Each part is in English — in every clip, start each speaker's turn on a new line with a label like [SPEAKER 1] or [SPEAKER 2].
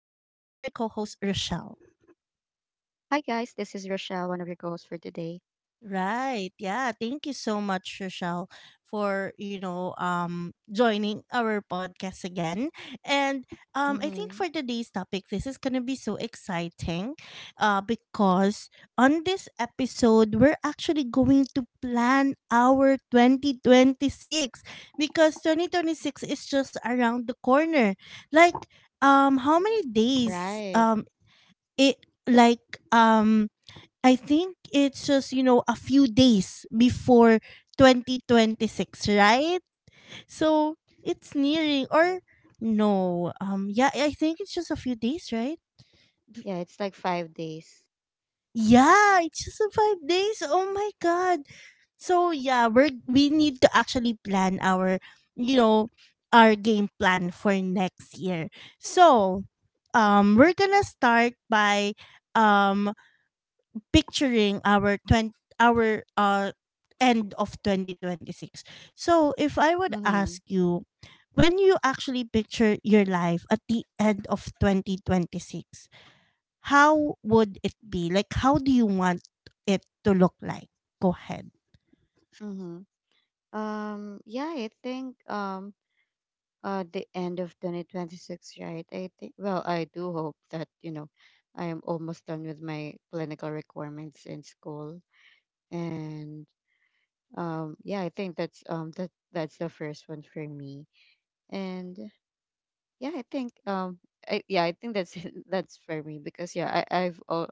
[SPEAKER 1] Rochelle.
[SPEAKER 2] Hi guys, this is Rochelle, one of your co-hosts for today.
[SPEAKER 1] Right. Yeah. Thank you so much, Rochelle, for joining our podcast again. And I think
[SPEAKER 2] Mm-hmm.
[SPEAKER 1] for today's topic, this is gonna be so exciting, because on this episode we're actually going to plan our 2026, because 2026 is just around the corner. Like how many days
[SPEAKER 2] Right.
[SPEAKER 1] it like um I think it's just, you know, a few days before 2026, right? So it's nearing or no. Yeah, I think it's just a few days, right?
[SPEAKER 2] Yeah, it's like 5 days.
[SPEAKER 1] Yeah, it's just a five days. Oh my god. So yeah, we need to actually plan our you know our game plan for next year. So we're gonna start by um picturing our 20, our uh end of 2026. So if I would
[SPEAKER 2] Mm-hmm.
[SPEAKER 1] ask you, when you actually picture your life at the end of 2026, how would it be? Like, how do you want it to look like? Go ahead.
[SPEAKER 2] Mm-hmm. Yeah, I think the end of 2026, right? I think well, I do hope that, you know, I am almost done with my clinical requirements in school. And yeah, I think that that's the first one for me. And yeah, yeah, I think that's that's for me because yeah, I I've al-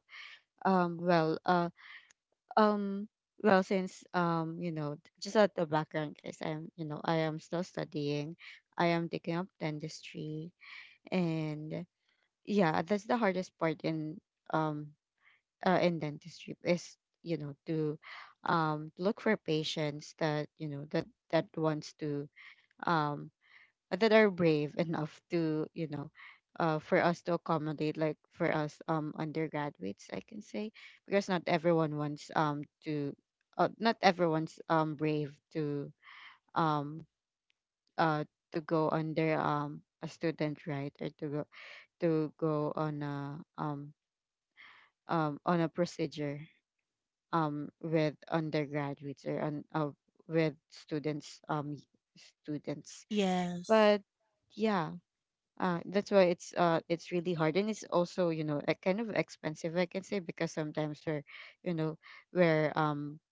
[SPEAKER 2] well um well since you know just at the background guys, I'm you know I am still studying. I am taking up dentistry and yeah, that's the hardest part um in dentistry is you know to look for patients that you know that that wants to um that are brave enough to for us to accommodate like for us undergraduates I can say because not everyone wants to not everyone's brave um uh to go under a student, right? Or to go on a procedure with undergraduates or on with students,
[SPEAKER 1] Yes.
[SPEAKER 2] but yeah. That's why it's really hard, and it's also you know kind of expensive I can say, because sometimes we're you know we're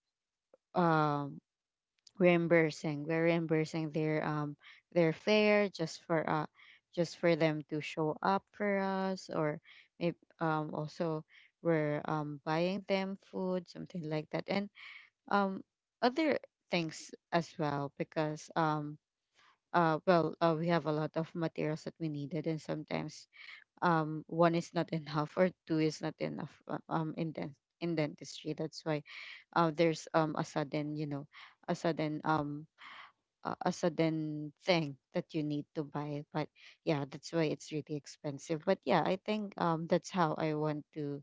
[SPEAKER 2] um reimbursing, we're reimbursing their fare just for them to show up for us, or maybe also we're buying them food, something like that. And um other things as well, because we have a lot of materials that we needed and sometimes one is not enough or two is not enough, in dentistry. That's why there's a sudden you know a sudden um a sudden thing that you need to buy. But yeah, that's why it's really expensive. But yeah, I think that's how I want to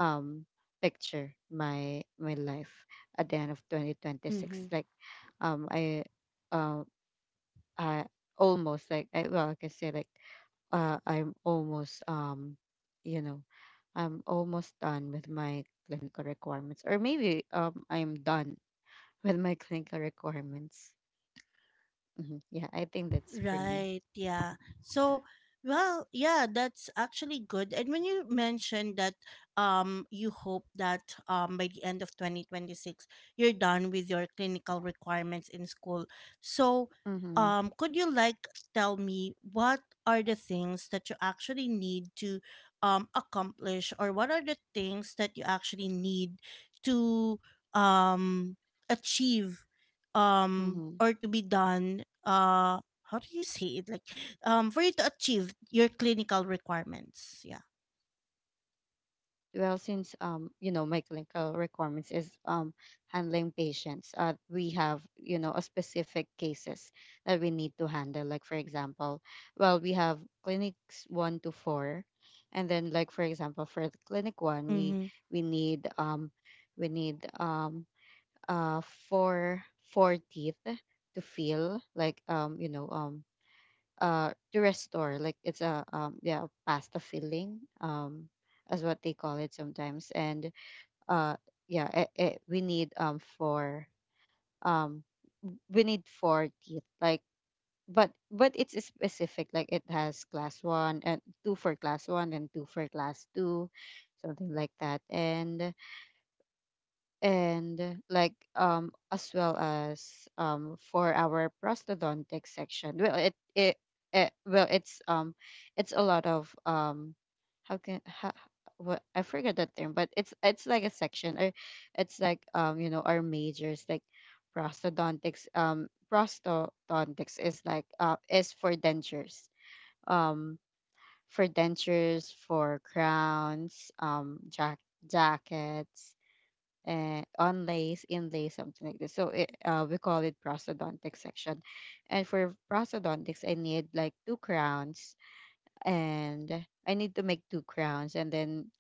[SPEAKER 2] um picture my life at the end of 2026,
[SPEAKER 1] Mhm.
[SPEAKER 2] like um I um I almost like I can say like I'm almost you know I'm almost done with my clinical requirements, or maybe I'm done with my clinical requirements. Yeah, I think that's for me.
[SPEAKER 1] Right, yeah. So, well, yeah, that's actually good. And when you mentioned that you hope that by the end of 2026 you're done with your clinical requirements in school. So,
[SPEAKER 2] Mm-hmm.
[SPEAKER 1] could you like tell me what are the things that you actually need to accomplish, or what are the things that you actually need to um achieve,
[SPEAKER 2] Mm-hmm.
[SPEAKER 1] or to be done? How do you say it? Like for you to achieve your clinical requirements, yeah.
[SPEAKER 2] Well, since you know, my clinical requirements is handling patients. We have, you know, a specific cases that we need to handle. Like for example, well, we have clinics one to four, and then like for example, for the clinic one,
[SPEAKER 1] Mm-hmm.
[SPEAKER 2] we need um we need uh four teeth to fill, like to restore, like it's a yeah a pasta filling as what they call it sometimes. And uh yeah we need um we need four teeth, like, but it's specific, like it has class one and two, for class one and two, for class two, something like that. And like as well as for our prosthodontic section, well it well it's a lot of how can how, what, I forget that term, but it's like a section, or it's like you know our majors, like prosthodontics. Prosthodontics is like is for dentures, um for dentures, for crowns, jackets, onlays, inlays, something like this. So we call it prosthodontic section. And for prosthodontics, I need like two crowns, and I need to make two crowns. And then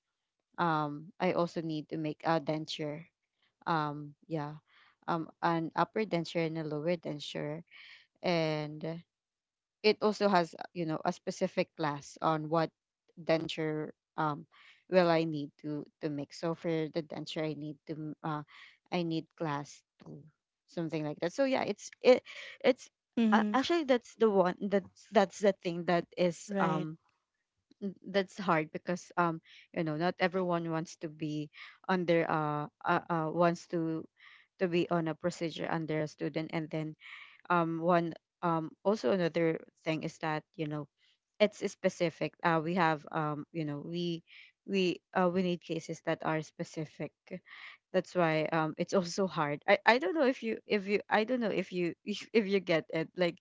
[SPEAKER 2] I also need to make a denture. Yeah, an upper denture and a lower denture, and it also has you know a specific class on what denture will I need to make. So for the denture, I need class two, something like that. So yeah, it's it it's
[SPEAKER 1] Mm-hmm.
[SPEAKER 2] actually that's the one that that's the thing that is
[SPEAKER 1] Right.
[SPEAKER 2] that's hard, because you know not everyone wants to be under wants to be on a procedure under a student. And then one also another thing is that you know it's specific. We have you know we need cases that are specific. That's why it's also hard. I don't know if you I don't know if you if you get it, like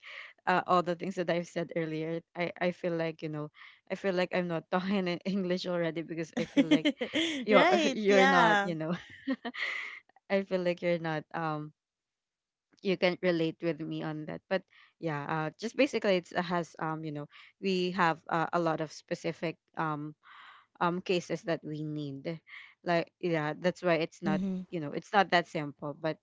[SPEAKER 2] all the things that I've said earlier. I feel like you know I feel like I'm not talking in English already, because I feel like you're
[SPEAKER 1] Right,
[SPEAKER 2] you're not
[SPEAKER 1] yeah.
[SPEAKER 2] you know I feel like you're not you can relate with me on that. But yeah, just basically it's has you know we have a lot of specific cases that we need, like. Yeah, that's why it's not
[SPEAKER 1] Mm-hmm.
[SPEAKER 2] you know it's not that simple. But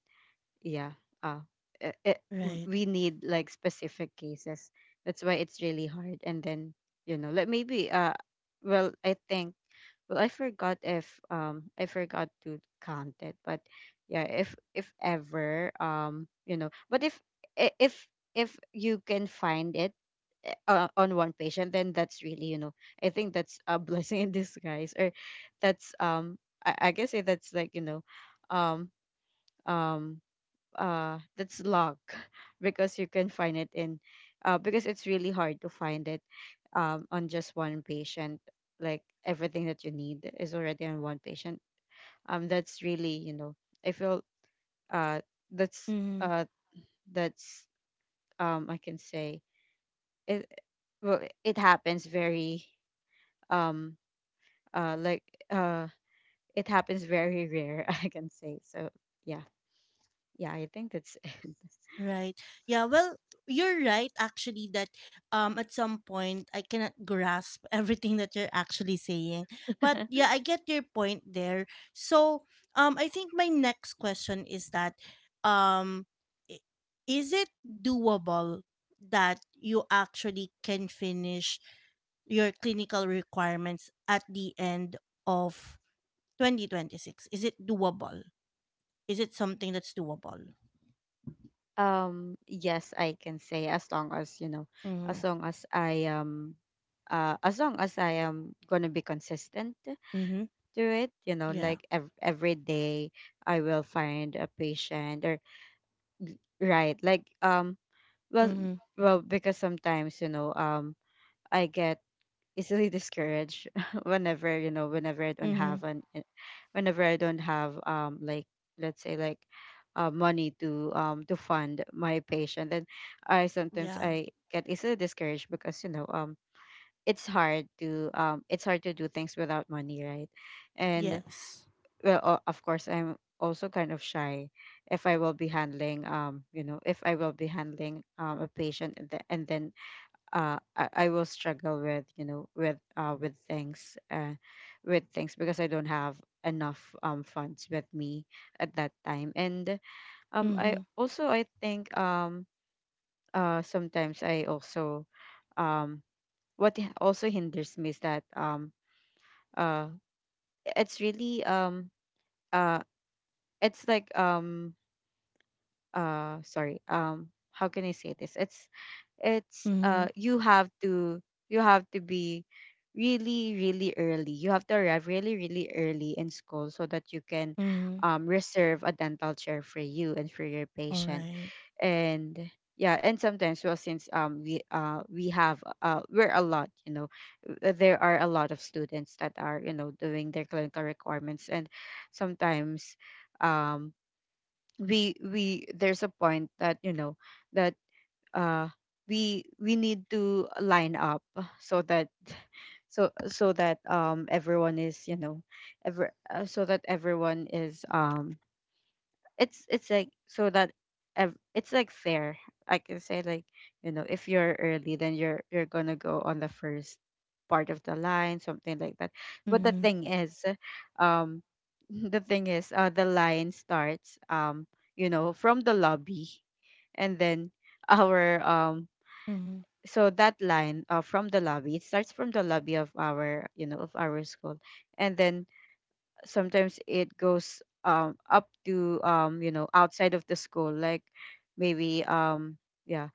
[SPEAKER 2] yeah, uh
[SPEAKER 1] Right.
[SPEAKER 2] we need like specific cases. That's why it's really hard. And then you know, like, maybe well i think I forgot if I forgot to count it, but yeah, if ever you know, but if if you can find it on one patient, then that's really you know I think that's a blessing in disguise. Or that's I guess that's like you know um um that's luck because you can find it in because it's really hard to find it on just one patient, like everything that you need is already on one patient. That's really you know I feel uh that's
[SPEAKER 1] Mm-hmm.
[SPEAKER 2] uh that's I can say it, well it happens very um uh like uh it happens very rare I can say. So yeah, yeah I think that's
[SPEAKER 1] Right. Yeah, well, you're right actually that at some point I cannot grasp everything that you're actually saying. But
[SPEAKER 2] it
[SPEAKER 1] yeah, I get your point there. So, I think my next question is that um i- is it doable that you actually can finish your clinical requirements at the end of 2026? Is it doable? Is it something that's doable?
[SPEAKER 2] Yes, I can say, as long as, you know,
[SPEAKER 1] Mhm.
[SPEAKER 2] as long as I am as long as I am gonna be consistent to
[SPEAKER 1] Mhm.
[SPEAKER 2] it, you know,
[SPEAKER 1] Yeah.
[SPEAKER 2] like every day I will find a patient. Or right, like well
[SPEAKER 1] Mm-hmm.
[SPEAKER 2] because sometimes, you know, I get easily discouraged whenever you know
[SPEAKER 1] Mm-hmm.
[SPEAKER 2] whenever I don't have like, let's say like money to fund my patient. Then I sometimes
[SPEAKER 1] Yeah.
[SPEAKER 2] I get easily discouraged, because you know it's hard to do things without money, right? And
[SPEAKER 1] Yes.
[SPEAKER 2] of course I'm also kind of shy if I will be handling you know if I will be handling a patient and then I will struggle with you know with things with things because I don't have enough funds with me at that time. And I
[SPEAKER 1] Mm-hmm.
[SPEAKER 2] also I think sometimes I also um, what also hinders me is that uh, it's really uh, it's like sorry, how can I say this. It's it's
[SPEAKER 1] Mm-hmm.
[SPEAKER 2] uh you have to you have to be really really early. You have to arrive really really early in school, so that you can
[SPEAKER 1] Mm-hmm.
[SPEAKER 2] reserve a dental chair for you and for your
[SPEAKER 1] All
[SPEAKER 2] patient.
[SPEAKER 1] right.
[SPEAKER 2] And yeah, and sometimes, well since we're a lot you know there are a lot of students that are you know doing their clinical requirements. And sometimes um we there's a point that you know that uh we we need to line up, so that so that everyone is you know ever so that everyone is it's like, so that it's like fair, I can say, like, you know, if you're early, then you're gonna go on the first part of the line, something like that. But the
[SPEAKER 1] Mm-hmm.
[SPEAKER 2] thing is um the thing is the line starts you know from the lobby. And then our
[SPEAKER 1] Mm-hmm.
[SPEAKER 2] so that line from the lobby, it starts from the lobby of our you know of our school. And then sometimes it goes up to you know outside of the school, like maybe yeah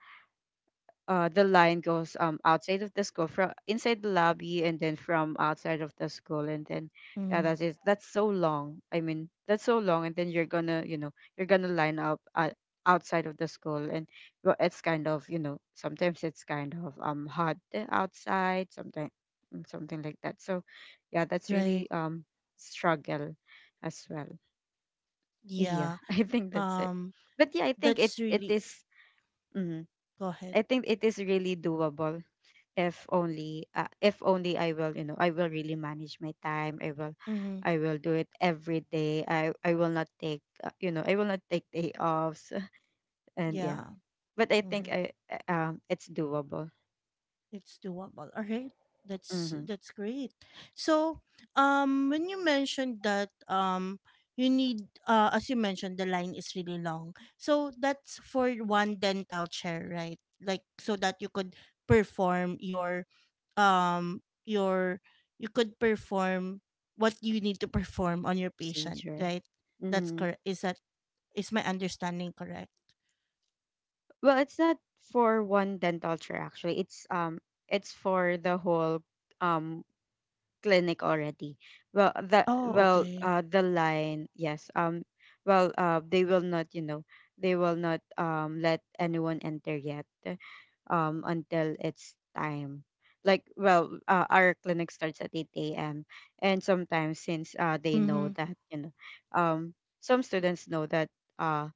[SPEAKER 2] the line goes outside of the school from inside the lobby and then from outside of the school. And then yeah,
[SPEAKER 1] Mm-hmm.
[SPEAKER 2] that is it. That's so long, I mean that's so long, and then you're gonna line up, outside of the school. And, well, it's kind of, sometimes it's kind of hot outside sometimes, something like that. So yeah, that's really
[SPEAKER 1] Right.
[SPEAKER 2] struggle as well. Yeah.
[SPEAKER 1] Yeah.
[SPEAKER 2] I think that's it.
[SPEAKER 1] Um.
[SPEAKER 2] But yeah, I think it
[SPEAKER 1] That's
[SPEAKER 2] it
[SPEAKER 1] really.
[SPEAKER 2] is. mm,
[SPEAKER 1] Go ahead.
[SPEAKER 2] I think it is really doable if only, if only I will, I will really manage my time. I will,
[SPEAKER 1] Mm-hmm.
[SPEAKER 2] I will do it every day. I will not take, day offs. And yeah,
[SPEAKER 1] Yeah.
[SPEAKER 2] but I think
[SPEAKER 1] Mm-hmm.
[SPEAKER 2] I it's doable.
[SPEAKER 1] It's doable. All right.
[SPEAKER 2] Hmm.
[SPEAKER 1] That's great. So, when you mentioned that you need, as you mentioned, the line is really long. So that's for one dental chair, right? Like so that you could perform your um your you could perform what you need to perform on your patient,
[SPEAKER 2] Procedure.
[SPEAKER 1] right? That's
[SPEAKER 2] Mm-hmm.
[SPEAKER 1] correct. Is my understanding correct?
[SPEAKER 2] Well, it's not for one dental chair, actually. It's it's for the whole um clinic already. Well, the
[SPEAKER 1] Oh,
[SPEAKER 2] well,
[SPEAKER 1] okay.
[SPEAKER 2] uh, the line, yes. Well, they will not, you know, they will not let anyone enter yet, until it's time. Like, well, our clinic starts at eight a.m. And sometimes, since they know
[SPEAKER 1] Mhm.
[SPEAKER 2] that, um, some students know that, uh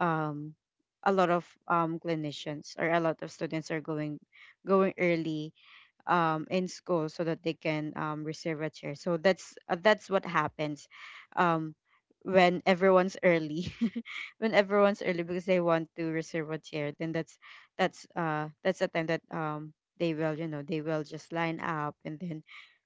[SPEAKER 2] um a lot of clinicians, or a lot of students, are going early, in school, so that they can, reserve a chair. So that's what happens, um, when everyone's early, when everyone's early, because they want to reserve a chair. Then that's the time that, they will, they will just line up, and then,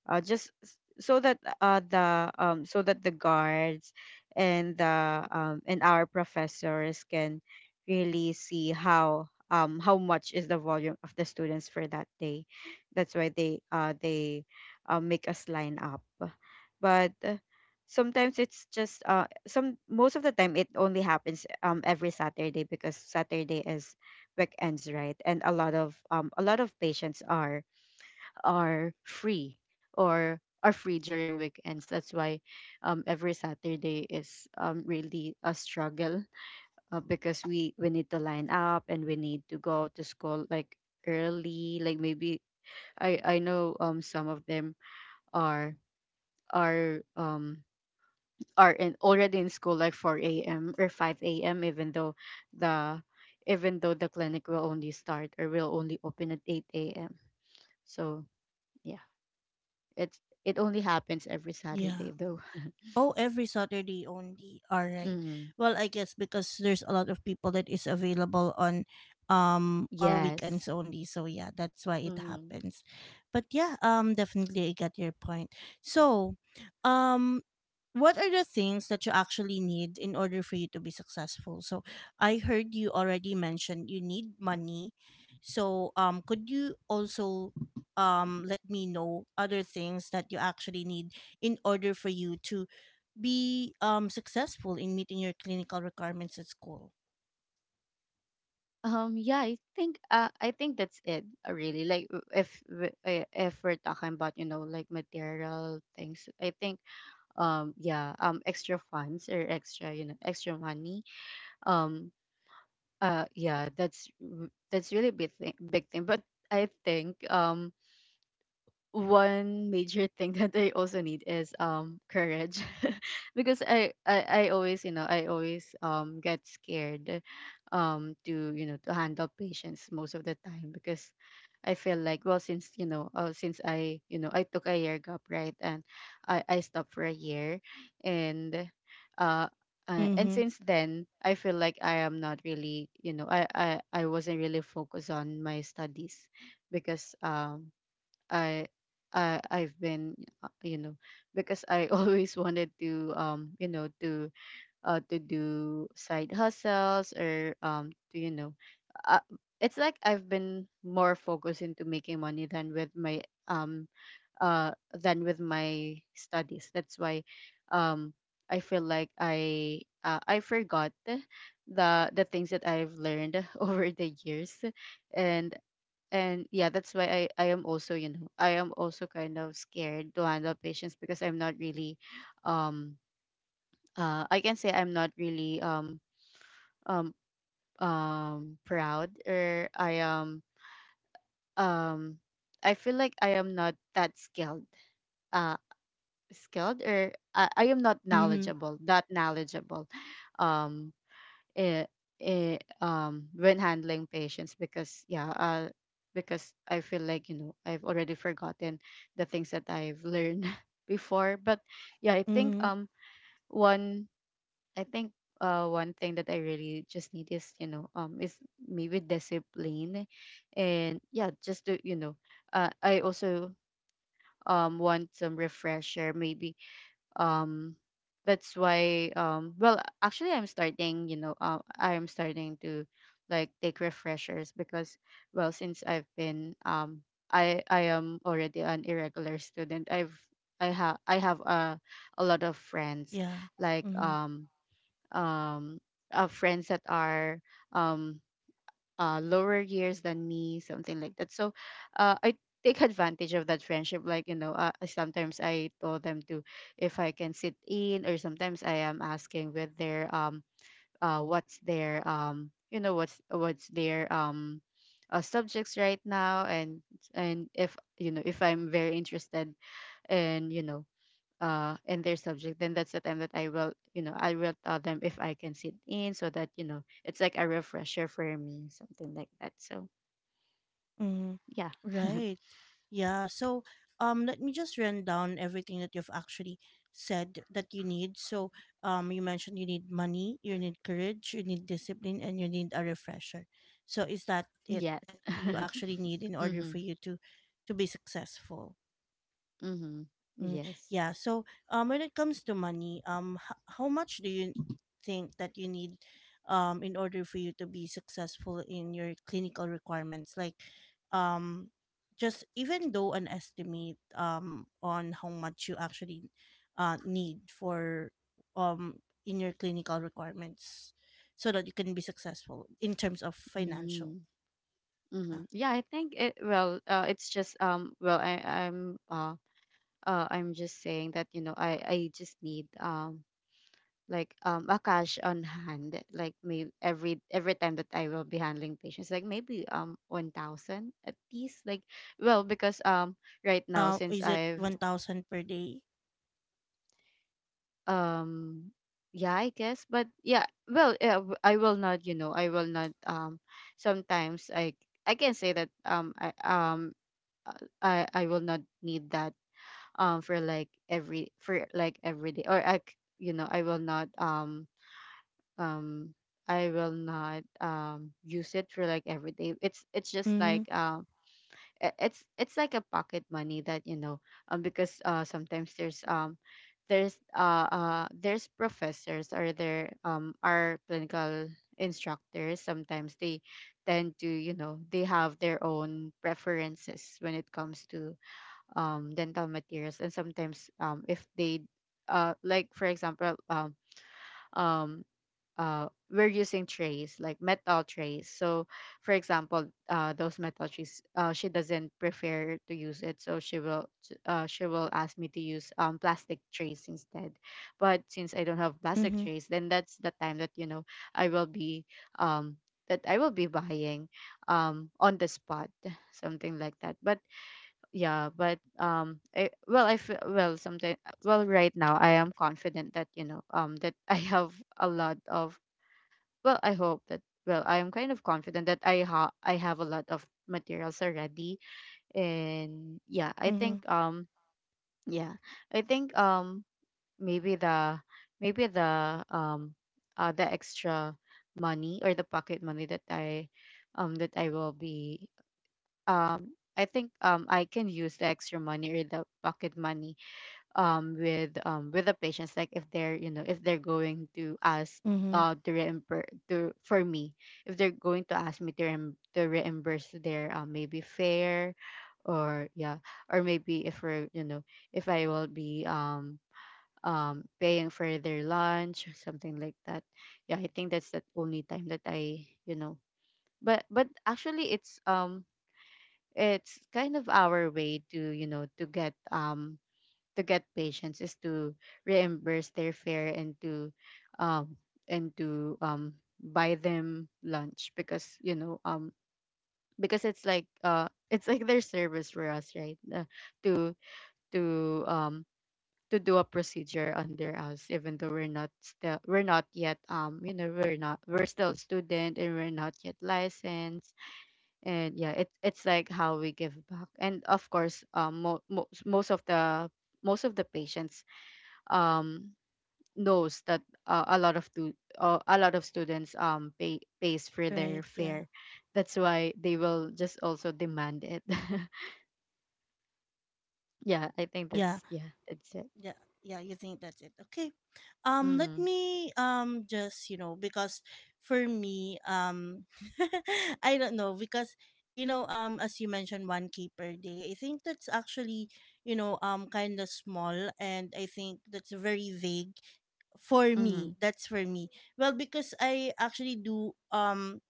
[SPEAKER 2] just s- so that the so that the guards, and the and our professors, can really see how much is the volume of the students for that day. That's why they make us line up. But sometimes it's, just some most of the time, it only happens every Saturday, because Saturday is weekends, right? And a lot of patients are free or are free during weekends. That's why every Saturday is really a struggle because we need to line up and we need to go to school like early like maybe I know some of them are are um are in school like 4 a.m. or 5 a.m., even the though the clinic will only start, or will only open, at 8 a.m. So yeah, it's it only happens every Saturday
[SPEAKER 1] Yeah.
[SPEAKER 2] though.
[SPEAKER 1] Oh, every Saturday only. All right.
[SPEAKER 2] Mm.
[SPEAKER 1] Well, I guess because there's a lot of people that is available on
[SPEAKER 2] Yes.
[SPEAKER 1] weekends only. So yeah, that's why it
[SPEAKER 2] Mm.
[SPEAKER 1] happens. But yeah, definitely I get your point. So, um what are the things that you actually need in order for you to be successful? So I heard you already mentioned you need money, so could you also let me know other things that you actually need in order for you to be successful in meeting your clinical requirements at school?
[SPEAKER 2] Yeah. I think that's it. Really. Like, if we're talking about, like, material things, I think, yeah, extra funds, or extra you know extra money. um yeah, that's really big thing, big thing. But I think, one major thing that I also need is courage. Because I always you know I always get scared, to you know to handle patients most of the time. Because I feel like, well, since you know since I you know I took a year gap, right? And I stopped for a year. And uh, and
[SPEAKER 1] Mhm.
[SPEAKER 2] since then, I feel like I am not really you know I wasn't really focused on my studies. Because I I've been, because I always wanted to, to do side hustles, or, to you know uh, it's like I've been more focused into making money than with um my studies. That's why, um I feel like I forgot the things that I've learned over the years. And yeah, that's why, I am also kind of scared to handle patients, because I'm not really, um I can say I'm not really, um proud, or I am, um I feel like I am not that skilled, uh skilled, or I am not
[SPEAKER 1] Mhm.
[SPEAKER 2] knowledgeable, that knowledgeable, um eh, when handling patients, because yeah, because I feel like, I've already forgotten the things that I've learned before. But yeah, I think,
[SPEAKER 1] Mhm.
[SPEAKER 2] one I think one thing that I really just need is, maybe discipline. And yeah, just to, I also, want some refresher maybe, um that's why, well, actually, I am starting to, like, take refreshers. Because well, since I've been, I am already an irregular student. I have a lot of friends,
[SPEAKER 1] Yeah.
[SPEAKER 2] like,
[SPEAKER 1] Mm-hmm.
[SPEAKER 2] um friends that are, um lower years than me, something like that. So I take advantage of that friendship. Like, sometimes I told them, to if I can sit in, or sometimes I am asking with their, what's their, what's their, subjects right now. And if you know if I'm very interested, in you know in their subject, then that's the time that I will tell them if I can sit in, so that, it's like a refresher for me, something like that. So
[SPEAKER 1] Mm,
[SPEAKER 2] yeah.
[SPEAKER 1] right. Yeah. So, let me just run down everything that you've actually said that you need. So, you mentioned you need money, you need courage, you need discipline, and you need a refresher. So, is that it
[SPEAKER 2] Yes.
[SPEAKER 1] that you actually need in order
[SPEAKER 2] Mm-hmm.
[SPEAKER 1] for you to be successful?
[SPEAKER 2] Mm-hmm.
[SPEAKER 1] Mm,
[SPEAKER 2] Yes.
[SPEAKER 1] yeah. So, when it comes to money, how much do you think that you need, in order for you to be successful in your clinical requirements? Like, um, just even though an estimate, on how much you actually, need for, in your clinical requirements, so that you can be successful in terms of financial.
[SPEAKER 2] Mm-hmm.
[SPEAKER 1] Yeah.
[SPEAKER 2] Mm-hmm. Yeah, I think it, well, it's just, well, I'm just saying that, I just need, like, a cash on hand, like maybe every time that I will be handling patients, like maybe 1,000 at least. Like, well, because, right now, since
[SPEAKER 1] Is it
[SPEAKER 2] I've,
[SPEAKER 1] 1,000 per day?
[SPEAKER 2] um yeah, I guess. But yeah, well, yeah, I will not, I will not, sometimes I, can say that, I will not need that, for like every, for like every day. Or I, um I will not, use it for like every day. It's, just like,
[SPEAKER 1] Mm-hmm.
[SPEAKER 2] it's like a pocket money, that, because, sometimes there's, there's professors, or there, are clinical instructors. Sometimes they tend to, they have their own preferences when it comes to, dental materials. And sometimes, if they, like for example, um we're using trays, like metal trays. So for example, those metal trays, she doesn't prefer to use it, so she will, she will ask me to use, plastic trays instead. But since I don't have plastic
[SPEAKER 1] Mm-hmm.
[SPEAKER 2] trays, then that's the time that, I will be, um that I will be buying, on the spot, something like that. But yeah, but, I feel, well, something, well, right now I am confident that, that I have a lot of, well, I hope that, well, I am kind of confident that I have a lot of materials already. And yeah, I
[SPEAKER 1] Mm-hmm.
[SPEAKER 2] think, yeah, I think, maybe the, maybe the um the extra money, or the pocket money that I, that I will be, I think, I can use the extra money, or the pocket money, with, with the patients. Like if they're, if they're going to ask,
[SPEAKER 1] Mm-hmm.
[SPEAKER 2] to reimburse, to for me, if they're going to ask me to reimburse their, maybe fare, or yeah, or maybe if we're, if I will be, paying for their lunch, something like that. Yeah, I think that's the only time that I, but, actually, it's, it's kind of our way to, to get, to get patients, is to reimburse their fare, and to, um and to um buy them lunch, because, because it's like, it's like their service for us, right? To, to um to do a procedure under us, even though we're not still, we're not yet, we're not, we're still student, and we're not yet licensed. And yeah, it's like how we give back. And of course, most of the, most of the patients, um, knows that, a lot of a lot of students pays for their
[SPEAKER 1] Right.
[SPEAKER 2] fare.
[SPEAKER 1] Yeah.
[SPEAKER 2] That's why they will just also demand it. Yeah, I think
[SPEAKER 1] Yeah.
[SPEAKER 2] that's, yeah, that's it.
[SPEAKER 1] Yeah. Yeah. You think that's it. Okay. Let
[SPEAKER 2] Mhm.
[SPEAKER 1] me. Just you know because for me, I don't know because you know, as you mentioned, one K per day. I think that's actually you know, kind of small, and I think that's very vague for me.
[SPEAKER 2] Mhm.
[SPEAKER 1] That's for me. Well, because I actually do.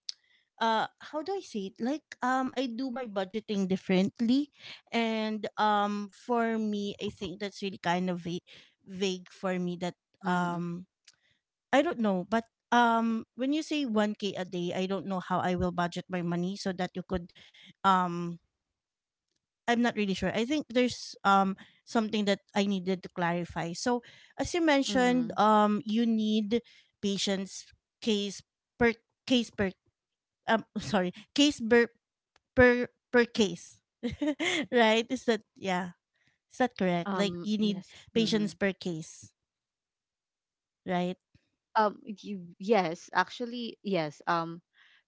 [SPEAKER 1] uh how do I say it? Like I do my budgeting differently, and for me I think that's really kind of vague for me that
[SPEAKER 2] Mhm.
[SPEAKER 1] um I don't know, but when you say 1k a day I don't know how I will budget my money so that you could um I'm not really sure. I think there's something that I needed to clarify. So as you mentioned
[SPEAKER 2] Mhm.
[SPEAKER 1] you need patience. Case per case per sorry, case per per per case, right? is that Yeah, is that correct? Like you need
[SPEAKER 2] Yes.
[SPEAKER 1] patients
[SPEAKER 2] Mhm.
[SPEAKER 1] per case, right?
[SPEAKER 2] Yes, actually yes. Um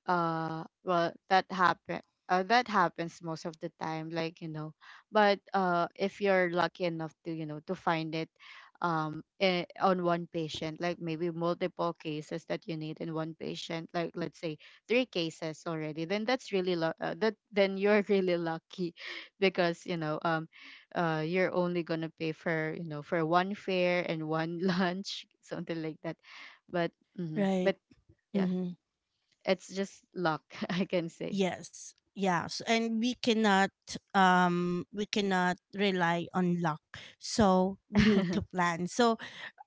[SPEAKER 2] uh well that happen uh, that happens most of the time, like, you know. But if you're lucky enough to you know to find it, on one patient, like, maybe multiple cases that you need in one patient, like, let's say three cases already, then that's really lu- that then you're really lucky, because, you know, you're only going to pay for, you know, for one fare and one lunch, something like that. But mhm,
[SPEAKER 1] Right.
[SPEAKER 2] but yeah,
[SPEAKER 1] Mm-hmm.
[SPEAKER 2] it's just luck, I can say.
[SPEAKER 1] Yes. Yes. And we cannot rely on luck. So we need to plan. So,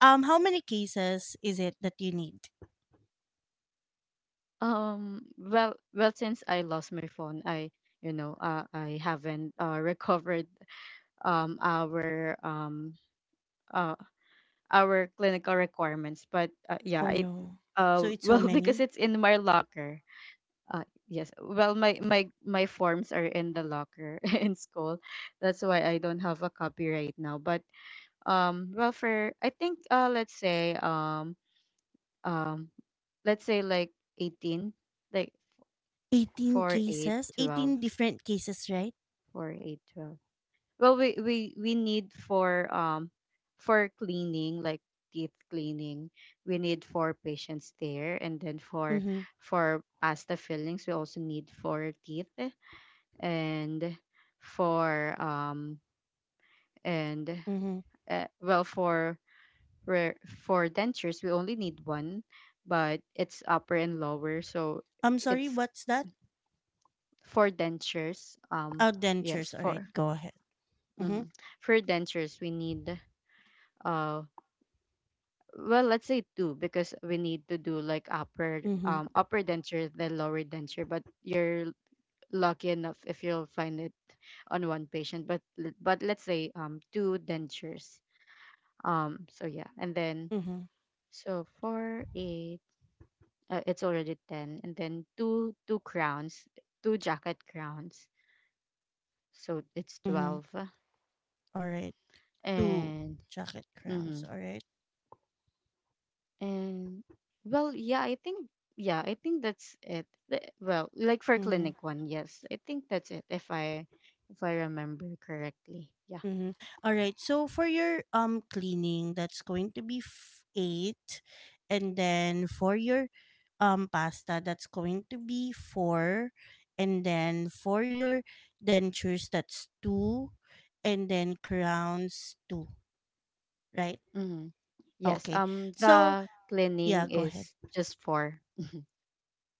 [SPEAKER 1] um, how many cases is it that you need?
[SPEAKER 2] Well, since I lost my phone, I you know I haven't recovered um our um uh, our clinical requirements, but yeah,
[SPEAKER 1] Oh
[SPEAKER 2] it...
[SPEAKER 1] no. So it's so
[SPEAKER 2] well, because
[SPEAKER 1] many?
[SPEAKER 2] it's in my locker. Yes, well, my forms are in the locker in school. That's why I don't have a copy right now, but well, for, I think, let's say, um let's say, like, 18, like,
[SPEAKER 1] 18
[SPEAKER 2] 4, eight,
[SPEAKER 1] cases,
[SPEAKER 2] 12,
[SPEAKER 1] 18 different cases, right?
[SPEAKER 2] four, eight, 12. Well, we need for cleaning, like teeth cleaning, we need four patients there, and then for
[SPEAKER 1] Mm-hmm.
[SPEAKER 2] for pasta fillings, we also need four teeth, and for and
[SPEAKER 1] Mm-hmm.
[SPEAKER 2] well for re- for dentures, we only need one, but it's upper and lower, so...
[SPEAKER 1] I'm sorry,
[SPEAKER 2] It's
[SPEAKER 1] what's that?
[SPEAKER 2] for dentures.
[SPEAKER 1] Oh,
[SPEAKER 2] Yes,
[SPEAKER 1] dentures. All right,
[SPEAKER 2] for...
[SPEAKER 1] go ahead. Mm-hmm.
[SPEAKER 2] Mhm. For dentures, we need, uh well, let's say two, because we need to do, like,
[SPEAKER 1] Mm-hmm.
[SPEAKER 2] upper denture, then lower denture. But you're lucky enough if you'll find it on one patient, but but let's say, two dentures. So yeah, and then,
[SPEAKER 1] Mm-hmm.
[SPEAKER 2] so for eight, it's already 10, and then two crowns, two jacket crowns, so it's
[SPEAKER 1] Mm-hmm.
[SPEAKER 2] 12.
[SPEAKER 1] All right. Two
[SPEAKER 2] And
[SPEAKER 1] jacket crowns.
[SPEAKER 2] mhm.
[SPEAKER 1] All right.
[SPEAKER 2] And, well, yeah, I think, that's it. Well, like, for
[SPEAKER 1] Mm-hmm.
[SPEAKER 2] clinic one, yes, I think that's it. If I remember correctly, yeah.
[SPEAKER 1] Mm-hmm. All right. So for your cleaning, that's going to be eight, and then for your pasta, that's going to be four, and then for your dentures, that's two, and then crowns two. Right.
[SPEAKER 2] Mm-hmm. Yes.
[SPEAKER 1] Okay. So
[SPEAKER 2] The
[SPEAKER 1] yeah,
[SPEAKER 2] cleaning
[SPEAKER 1] go ahead.
[SPEAKER 2] is just for...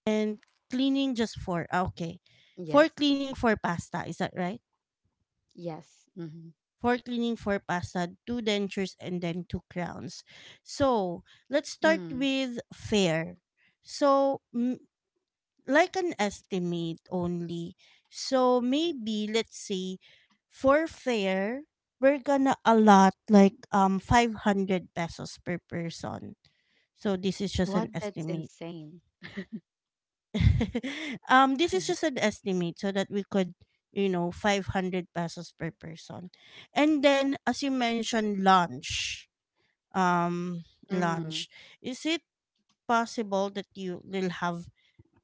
[SPEAKER 1] And cleaning just four. Ah, okay. For
[SPEAKER 2] Yes,
[SPEAKER 1] cleaning, for pasta, is that right?
[SPEAKER 2] yes. Mm-hmm.
[SPEAKER 1] Four cleaning, four pasta, two dentures, and then two crowns. So let's start
[SPEAKER 2] Mm-hmm.
[SPEAKER 1] with fare. So like an estimate only. So maybe let's say for fare, we're gonna allot like 500 pesos per person. So this is just an
[SPEAKER 2] What? That's
[SPEAKER 1] estimate.
[SPEAKER 2] insane.
[SPEAKER 1] This is just an estimate so that we could, you know, 500 pesos per person. And then as you mentioned lunch,
[SPEAKER 2] Mm.
[SPEAKER 1] lunch, is it possible that you will have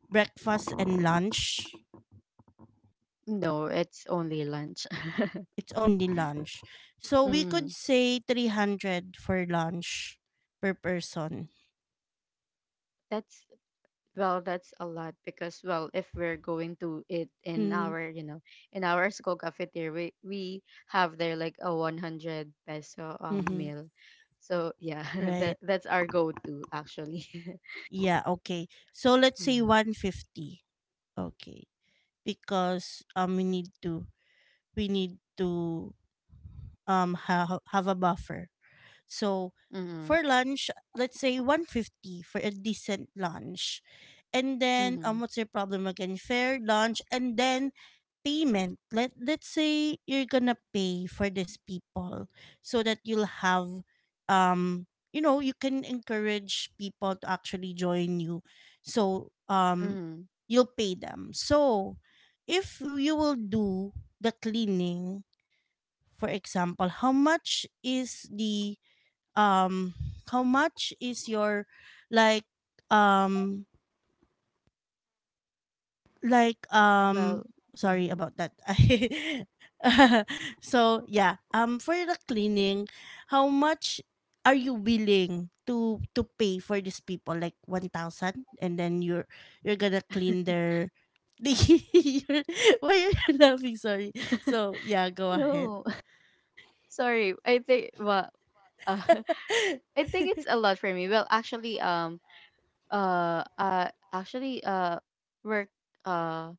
[SPEAKER 1] breakfast and lunch?
[SPEAKER 2] No, it's only lunch.
[SPEAKER 1] It's only lunch, so we could
[SPEAKER 2] Mm.
[SPEAKER 1] say 300 for lunch per person.
[SPEAKER 2] That's Well, that's a lot, because, well, if we're going to eat in
[SPEAKER 1] Mm,
[SPEAKER 2] our, you know, in our school cafeteria, we have there like a 100 peso
[SPEAKER 1] mm-hmm.
[SPEAKER 2] meal. So, yeah,
[SPEAKER 1] Right,
[SPEAKER 2] that's our go-to, actually.
[SPEAKER 1] yeah, okay, so let's say
[SPEAKER 2] Mm-hmm.
[SPEAKER 1] 150. Okay, because we need to we need to have a buffer. So
[SPEAKER 2] Mm-hmm.
[SPEAKER 1] for lunch, let's say 150 for a decent lunch. And then
[SPEAKER 2] Mm-hmm.
[SPEAKER 1] what's your problem again? Fair, lunch, and then payment. Let let's say you're gonna pay for these people so that you'll have um you know, you can encourage people to actually join you. So
[SPEAKER 2] Mm-hmm.
[SPEAKER 1] you'll pay them. So if you will do the cleaning, for example, how much is the um how much is your like um like um
[SPEAKER 2] Well,
[SPEAKER 1] sorry
[SPEAKER 2] mm-hmm.
[SPEAKER 1] about that. So yeah, for the cleaning, how much are you willing to pay for these people? Like 1,000, and then you're gonna clean their the why you're laughing? Sorry, so yeah, go ahead.
[SPEAKER 2] No. Sorry, I think, well, uh, I think it's a lot for me. Well, actually, actually, work, uh,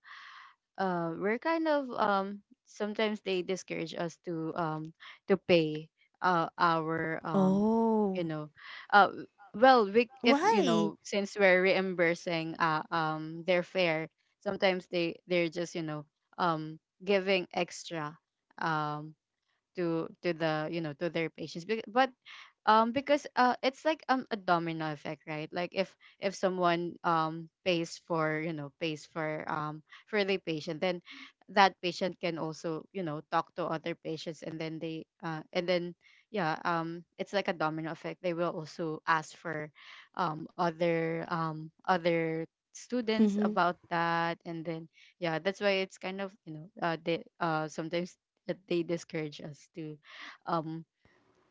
[SPEAKER 2] we're kind of, sometimes they discourage us to pay, our, you
[SPEAKER 1] Oh,
[SPEAKER 2] know, uh well, we... if you
[SPEAKER 1] why?
[SPEAKER 2] know, since we're reimbursing, their fare, sometimes they're just, you know, um giving extra, um to the you know, to their patients. But because, it's like, a domino effect, right? Like, if someone, pays for, for the patient, then that patient can also, you know, talk to other patients, and then they... and then, yeah, it's like a domino effect, they will also ask for, other other students
[SPEAKER 1] Mm-hmm.
[SPEAKER 2] about that, and then, yeah, that's why it's kind of, you know, they, sometimes, that they discourage us to, um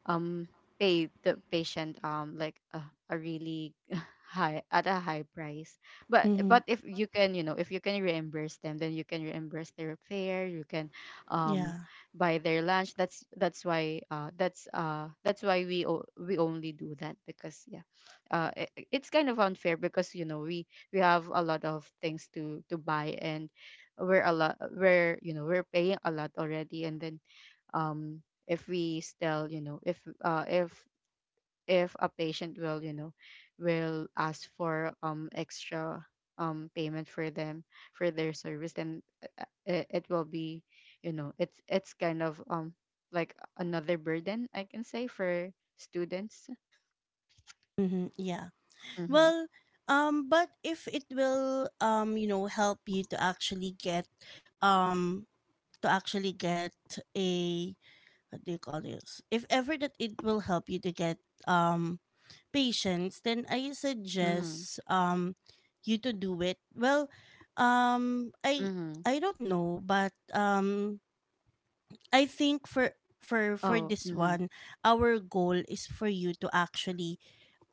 [SPEAKER 2] um pay the patient, like a really high, at a high price. But
[SPEAKER 1] Mm-hmm.
[SPEAKER 2] if you can, you know, if you can reimburse them, then you can reimburse their fare, you can um
[SPEAKER 1] Yeah.
[SPEAKER 2] buy their lunch. That's why, that's why we we only do that, because, yeah, it's kind of unfair, because, you know, we have a lot of things to buy, and we're a lot we're, you know, we're paying a lot already, and then, um if we still, you know, if a patient will, you know, will ask for, extra, payment for them, for their service, then, it will be, you know, it's kind of, like another burden, I can say, for students.
[SPEAKER 1] Mm-hmm. Yeah.
[SPEAKER 2] Mm-hmm.
[SPEAKER 1] Well, but if it will you know, help you um to actually get a what do you call this? If ever that it will help you to get um patients, then I
[SPEAKER 2] Mm-hmm.
[SPEAKER 1] suggest you to do it. Well, um I
[SPEAKER 2] Mm-hmm.
[SPEAKER 1] I don't know, but I think for
[SPEAKER 2] Oh,
[SPEAKER 1] this
[SPEAKER 2] mm-hmm.
[SPEAKER 1] one, our goal is for you to actually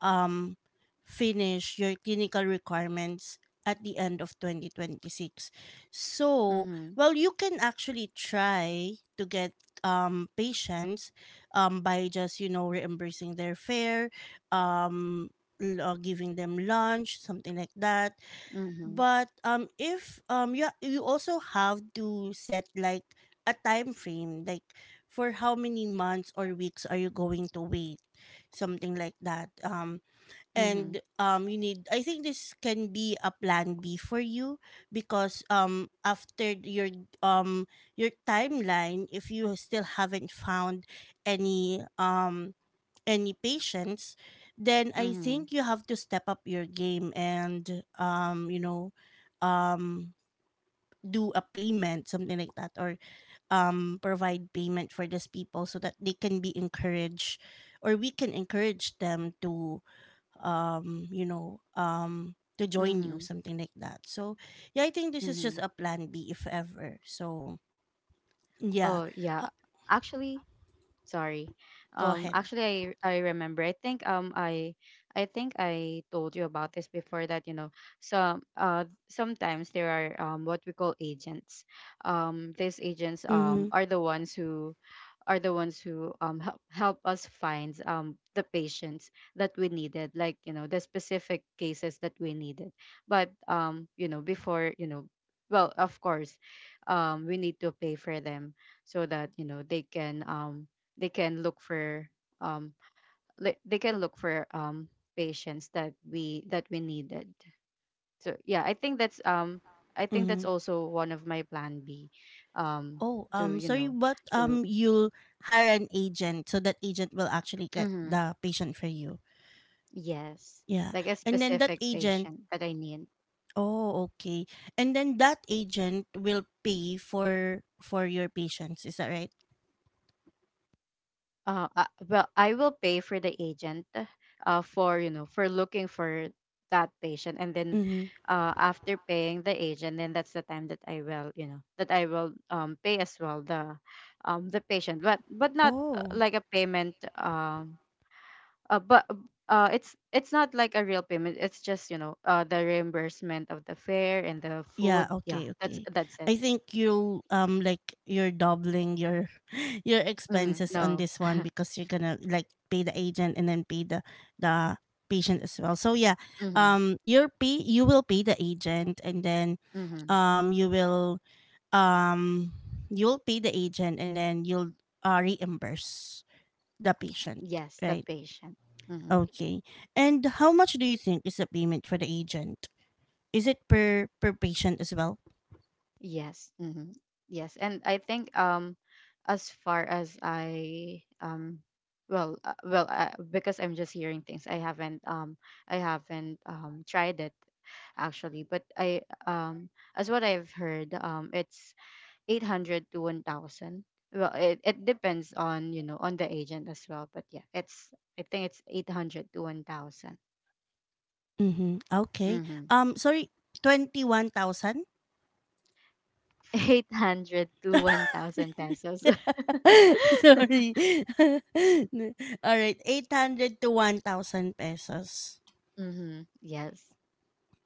[SPEAKER 1] um, finish your clinical requirements at the end of 2026. So,
[SPEAKER 2] Mm-hmm.
[SPEAKER 1] well, you can actually try to get patients by just, you know, reimbursing their fare, um, giving them lunch, something like that.
[SPEAKER 2] Mm-hmm.
[SPEAKER 1] But if you, also have to set like a time frame, like for how many months or weeks are you going to wait, something like that.
[SPEAKER 2] Mm-hmm.
[SPEAKER 1] And you need, I think this can be a plan B for you because after um your timeline, if you still haven't found any um any patients, then I
[SPEAKER 2] Mm-hmm.
[SPEAKER 1] think you have to step up your game and you know, um do a payment, something like that, or provide payment for these people so that they can be encouraged, or we can encourage them to you know, to join you,
[SPEAKER 2] Mm-hmm.
[SPEAKER 1] something like that. So, yeah, I think this is just
[SPEAKER 2] Mm-hmm.
[SPEAKER 1] a plan B if ever. So, yeah,
[SPEAKER 2] Oh yeah,
[SPEAKER 1] Ha-
[SPEAKER 2] actually... Sorry.
[SPEAKER 1] go ahead.
[SPEAKER 2] Actually, I remember. I think, I think I told you about this before, that, you know, sometimes there are, what we call, agents. These agents
[SPEAKER 1] Mm-hmm.
[SPEAKER 2] are the ones who help us find, the patients that we needed, like, you know, the specific cases that we needed. But, you know, before, you know, well, of course, we need to pay for them, so that, you know, they can look for, um they can look for, patients that we needed. So yeah, I think that's,
[SPEAKER 1] Mm-hmm.
[SPEAKER 2] also one of my plan B. um
[SPEAKER 1] Oh,
[SPEAKER 2] to, you
[SPEAKER 1] sorry,
[SPEAKER 2] know,
[SPEAKER 1] but
[SPEAKER 2] to...
[SPEAKER 1] you'll hire an agent so that agent will actually get
[SPEAKER 2] Mhm.
[SPEAKER 1] the patient for you.
[SPEAKER 2] Yes,
[SPEAKER 1] Yeah,
[SPEAKER 2] like a
[SPEAKER 1] and then that
[SPEAKER 2] specific
[SPEAKER 1] agent.
[SPEAKER 2] patient that I need.
[SPEAKER 1] Oh, okay. And then that agent will pay for your patients. Is that right?
[SPEAKER 2] Well, I will pay for the agent, for, you know, for looking for that patient. And then,
[SPEAKER 1] Mm-hmm.
[SPEAKER 2] after paying the agent, then that's the time that I will, you know, that I will, pay as well the, the patient. But not,
[SPEAKER 1] Oh.
[SPEAKER 2] like, a payment, but, it's not like a real payment. It's just, you know, the reimbursement of the fare and the food.
[SPEAKER 1] Yeah,
[SPEAKER 2] Yeah,
[SPEAKER 1] okay, okay.
[SPEAKER 2] that's it.
[SPEAKER 1] I think you'll like you're doubling your your
[SPEAKER 2] Hmm.
[SPEAKER 1] expenses on
[SPEAKER 2] No.
[SPEAKER 1] this one, because you're gonna like pay the agent and then pay the the patient as well. So yeah,
[SPEAKER 2] Mm-hmm.
[SPEAKER 1] you will pay the agent and then
[SPEAKER 2] Mm-hmm.
[SPEAKER 1] um you will um you'll pay the agent, and then you'll reimburse the patient,
[SPEAKER 2] Yes, the
[SPEAKER 1] right?
[SPEAKER 2] patient. Hmm.
[SPEAKER 1] Okay. And how much do you think is the payment for the agent? Is it per patient as well?
[SPEAKER 2] Yes. Hmm. Yes. And I think, as far as I, well, because I'm just hearing things, I haven't, tried it, actually. But I, um as what I've heard, it's 800 to 1,000. Well, it depends on, you know, on the agent as well, but yeah, it's... I think it's 800 to 1,000.
[SPEAKER 1] Mhm, okay. Sorry, 21,000?
[SPEAKER 2] 800 to 1,000 pesos.
[SPEAKER 1] Sorry. Alright, 800 to 1,000 pesos.
[SPEAKER 2] Mm-hmm. Yes.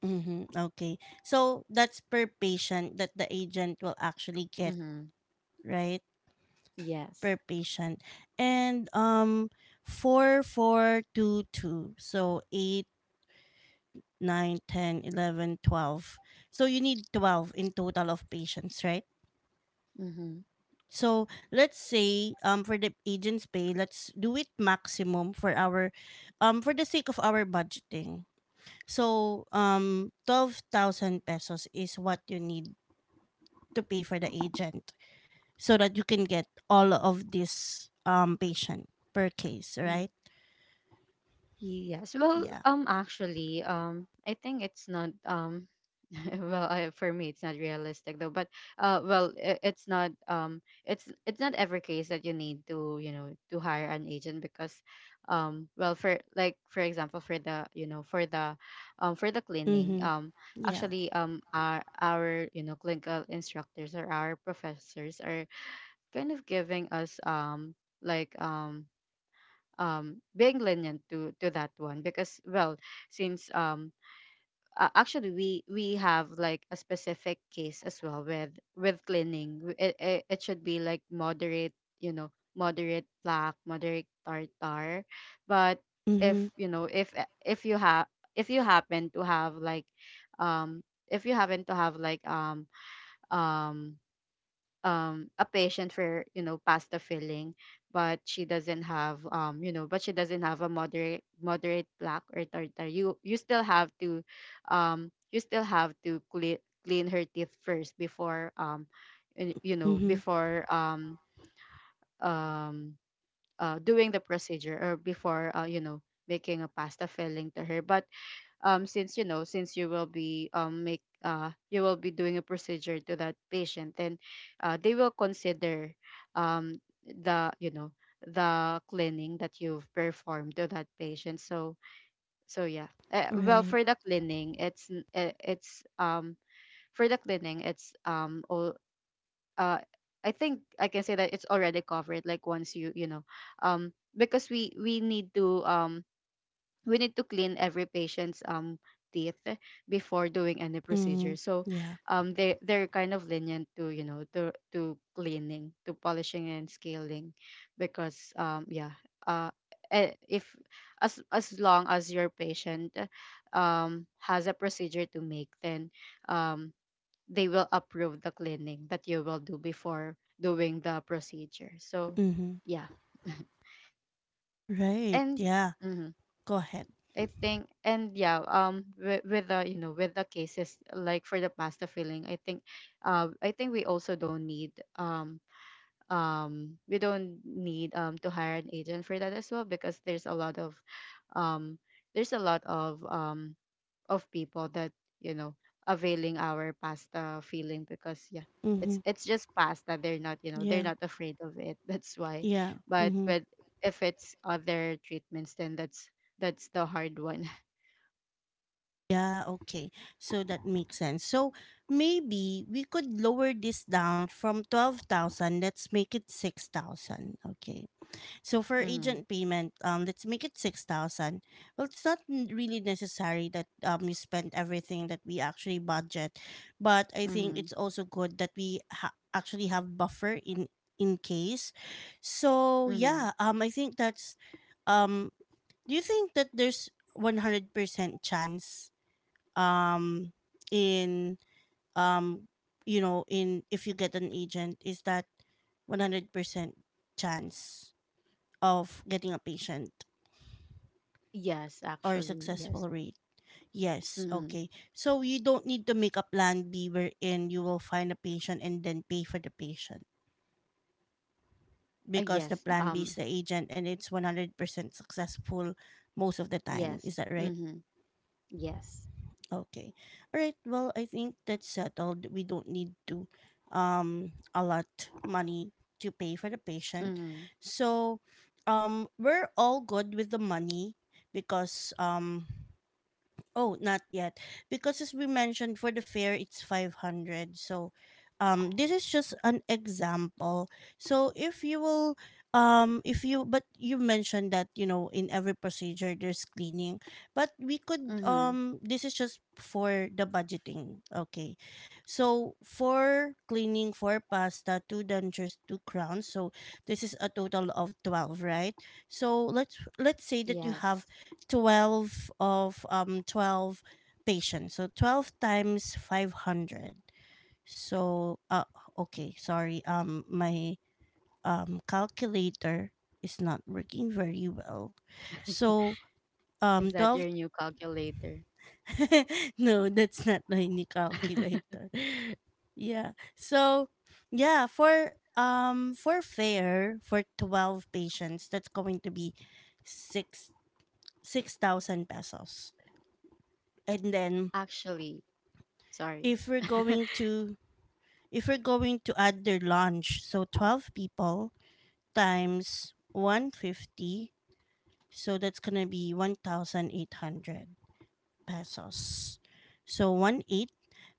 [SPEAKER 1] Mhm, okay. So, that's per patient that the agent will actually get,
[SPEAKER 2] Mm-hmm.
[SPEAKER 1] right?
[SPEAKER 2] Yes.
[SPEAKER 1] Per patient. And 4, 4, 2, 2. So, 8, nine, ten, 11, 12. So, you need 12 in total of patients, right?
[SPEAKER 2] Mm-hmm.
[SPEAKER 1] So let's say for the agent's pay, let's do it maximum for our for the sake of our budgeting. So 12,000 pesos is what you need to pay for the agent so that you can get all of this patient per case,
[SPEAKER 2] Mm-hmm.
[SPEAKER 1] right?
[SPEAKER 2] Yes. Well,
[SPEAKER 1] Yeah.
[SPEAKER 2] actually, I think it's not, well, for me, it's not realistic, though. But, well, I it's not every case that you need to you know to hire an agent, because, well, for like, for example, for the you know for the cleaning,
[SPEAKER 1] Mm-hmm. Yeah.
[SPEAKER 2] actually, our, you know, clinical instructors or our professors are kind of giving us, like, being lenient to that one, because, well, since, actually, we have, like, a specific case as well, with cleaning. It should be, like, moderate, you know, moderate plaque, moderate tartar, but
[SPEAKER 1] Mm-hmm.
[SPEAKER 2] if, you know, if you happen to have, like, um if you happen to have, like, um a patient for, you know, pasta filling, but she doesn't have, you know, but she doesn't have a moderate plaque or tartar, you still have to, um you still have to clean clean her teeth first, before, and, you know,
[SPEAKER 1] Mm-hmm.
[SPEAKER 2] before, um doing the procedure, or before, you know, making a pasta filling to her, but, since, you know, since you will be, make you will be doing a procedure to that patient, then, they will consider, um the you know, the cleaning that you've performed to that patient, so... So yeah. Well,
[SPEAKER 1] Right.
[SPEAKER 2] for the cleaning, it's it's for the cleaning it's all uh I think I can say that it's already covered, like, once you, you know, um because we need to, clean every patient's, teeth before doing any procedure.
[SPEAKER 1] Mm-hmm.
[SPEAKER 2] So,
[SPEAKER 1] Yeah.
[SPEAKER 2] they're kind of lenient to, you know, to cleaning, to polishing and scaling, because, yeah, uh if, as long as your patient has a procedure to make, then, um they will approve the cleaning that you will do before doing the procedure, so...
[SPEAKER 1] Mm-hmm.
[SPEAKER 2] yeah.
[SPEAKER 1] Right.
[SPEAKER 2] And...
[SPEAKER 1] Yeah.
[SPEAKER 2] Mhm.
[SPEAKER 1] Go ahead.
[SPEAKER 2] I think, and yeah, with the you know, with the cases, like, for the pasta filling, I think, I think we also don't need, we don't need, to hire an agent for that as well, because there's a lot of, um there's a lot of um people that, you know, availing our pasta filling, because, yeah,
[SPEAKER 1] Mm-hmm.
[SPEAKER 2] it's just pasta, they're not, you know, they're
[SPEAKER 1] Yeah.
[SPEAKER 2] not afraid of it, that's why.
[SPEAKER 1] Yeah.
[SPEAKER 2] But
[SPEAKER 1] Mm-hmm.
[SPEAKER 2] with... if it's other treatments, then that's the hard one.
[SPEAKER 1] Yeah, okay. So that makes sense. So maybe we could lower this down from 12,000. Let's make it 6,000. Okay. So for
[SPEAKER 2] Mm-hmm.
[SPEAKER 1] agent payment, let's make it 6,000. Well, it's not really necessary that you spend everything that we actually budget, but I think
[SPEAKER 2] Mm-hmm.
[SPEAKER 1] it's also good that we actually have buffer in case. So,
[SPEAKER 2] Mm-hmm.
[SPEAKER 1] yeah, I think that's um do you think that there's 100% chance, um in um if you get an agent, is that 100% chance of getting a patient
[SPEAKER 2] Yes,
[SPEAKER 1] or
[SPEAKER 2] actually, yes.
[SPEAKER 1] successful rate? Yes,
[SPEAKER 2] Mm-hmm.
[SPEAKER 1] okay. So you don't need to make a plan B, wherein you will find a patient and then pay for the patient, because the
[SPEAKER 2] Yes.
[SPEAKER 1] plan B is the agent, and it's 100% successful most of the time. Is
[SPEAKER 2] Yes.
[SPEAKER 1] that right?
[SPEAKER 2] Mm-hmm. Yes.
[SPEAKER 1] Okay. All right. Well, I think that's settled. We don't need to allot money to pay for the patient.
[SPEAKER 2] Mm-hmm.
[SPEAKER 1] So, we're all good with the money, because oh, not yet. Because as we mentioned, for the fare it's 500. So this is just an example. So, if you will if you but you mentioned that, you know, in every procedure there's cleaning. But we could
[SPEAKER 2] Mm-hmm.
[SPEAKER 1] this is just for the budgeting. Okay. So for cleaning, for pasta, two dentures, two crowns. So this is a total of 12, right? So let's say that you have
[SPEAKER 2] Yes.
[SPEAKER 1] 12 of, 12 patients, so 12 times 500. So okay, sorry, my calculator is not working very well. So
[SPEAKER 2] Is that
[SPEAKER 1] 12.
[SPEAKER 2] your new calculator?
[SPEAKER 1] No, that's not my new calculator. Yeah, so yeah, for fair, for 12 patients that's going to be 6 6,000 pesos. And then,
[SPEAKER 2] Actually, sorry.
[SPEAKER 1] if we're going to, add their lunch, so 12 people times 150, so that's gonna be 1,800 pesos. So 1 8,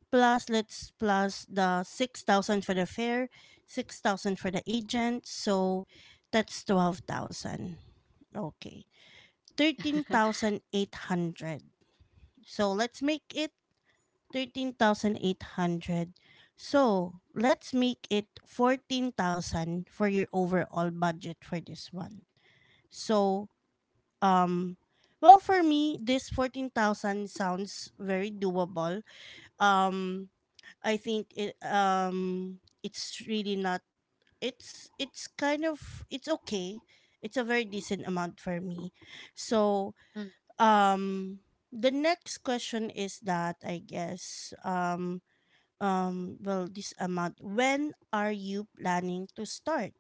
[SPEAKER 1] plus, let's plus the 6,000 for the fare, 6,000 for the agent, so that's 12,000. Okay, 13,800. So let's make it 13,800. So, let's make it 14,000 for your overall budget for this one. So, um well, for me this 14,000 sounds very doable. Um I think it's really not, it's kind of, it's okay. It's a very decent amount for me. So, um the next question is that, I guess, well, this amount, when are you planning to start?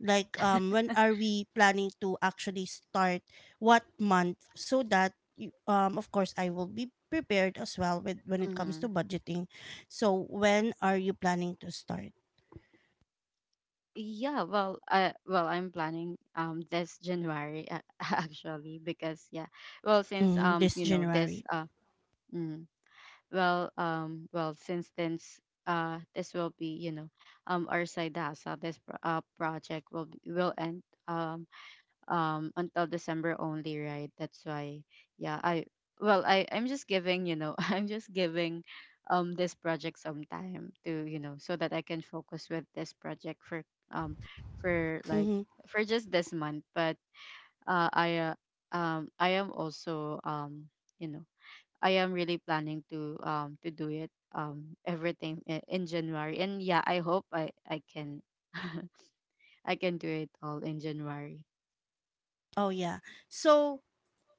[SPEAKER 1] Like, when are we planning to actually start, what month, so that you, of course I will be prepared as well with when it comes
[SPEAKER 2] Mm-hmm.
[SPEAKER 1] to budgeting. So when are you planning to start?
[SPEAKER 2] Yeah, well, well, I'm planning, this January, actually, because, yeah, well, since,
[SPEAKER 1] Mm, this
[SPEAKER 2] you know, this
[SPEAKER 1] January.
[SPEAKER 2] uh mm... Well, well, since then, this will be, you know, our side hustle. Project will be... will end, until December only, right? That's why... yeah. I Well, I'm just giving, you know, I'm just giving, this project some time to, you know, so that I can focus with this project for, um like,
[SPEAKER 1] Mm-hmm.
[SPEAKER 2] for just this month. But, uh, I uh, I am also, you know, I am really planning to, do it, everything, in January. And yeah, I hope I can, I can do it all in January.
[SPEAKER 1] Oh, yeah. So,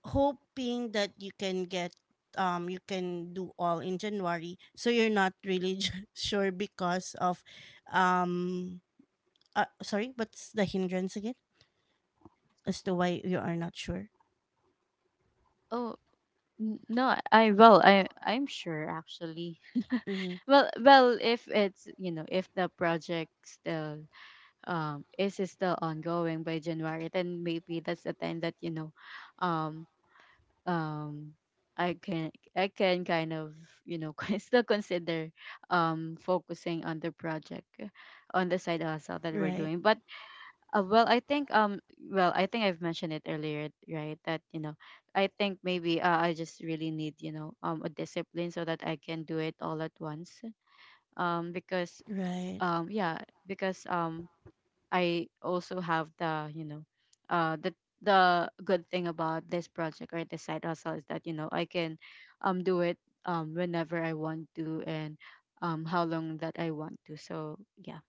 [SPEAKER 1] hoping that you can do all in January, so you're not really sure, because of um sorry, what's the hindrance again as to why you are not sure?
[SPEAKER 2] Oh, no, I'm sure, actually.
[SPEAKER 1] Mm-hmm.
[SPEAKER 2] Well, if it's if the project still is still ongoing by January, then maybe that's the time that, um um I can I can kind of, you know still consider focusing on the project, on the side hustle that we're
[SPEAKER 1] Right,
[SPEAKER 2] doing. But uh, well, I think um well, I think I've mentioned it earlier, right? That I think maybe, I just really need, a discipline, so that I can do it all at once. Because
[SPEAKER 1] right,
[SPEAKER 2] yeah because I also have the, uh the the good thing about this project, or this side hustle, is that, I can do it whenever I want to, and how long that I want to. So yeah.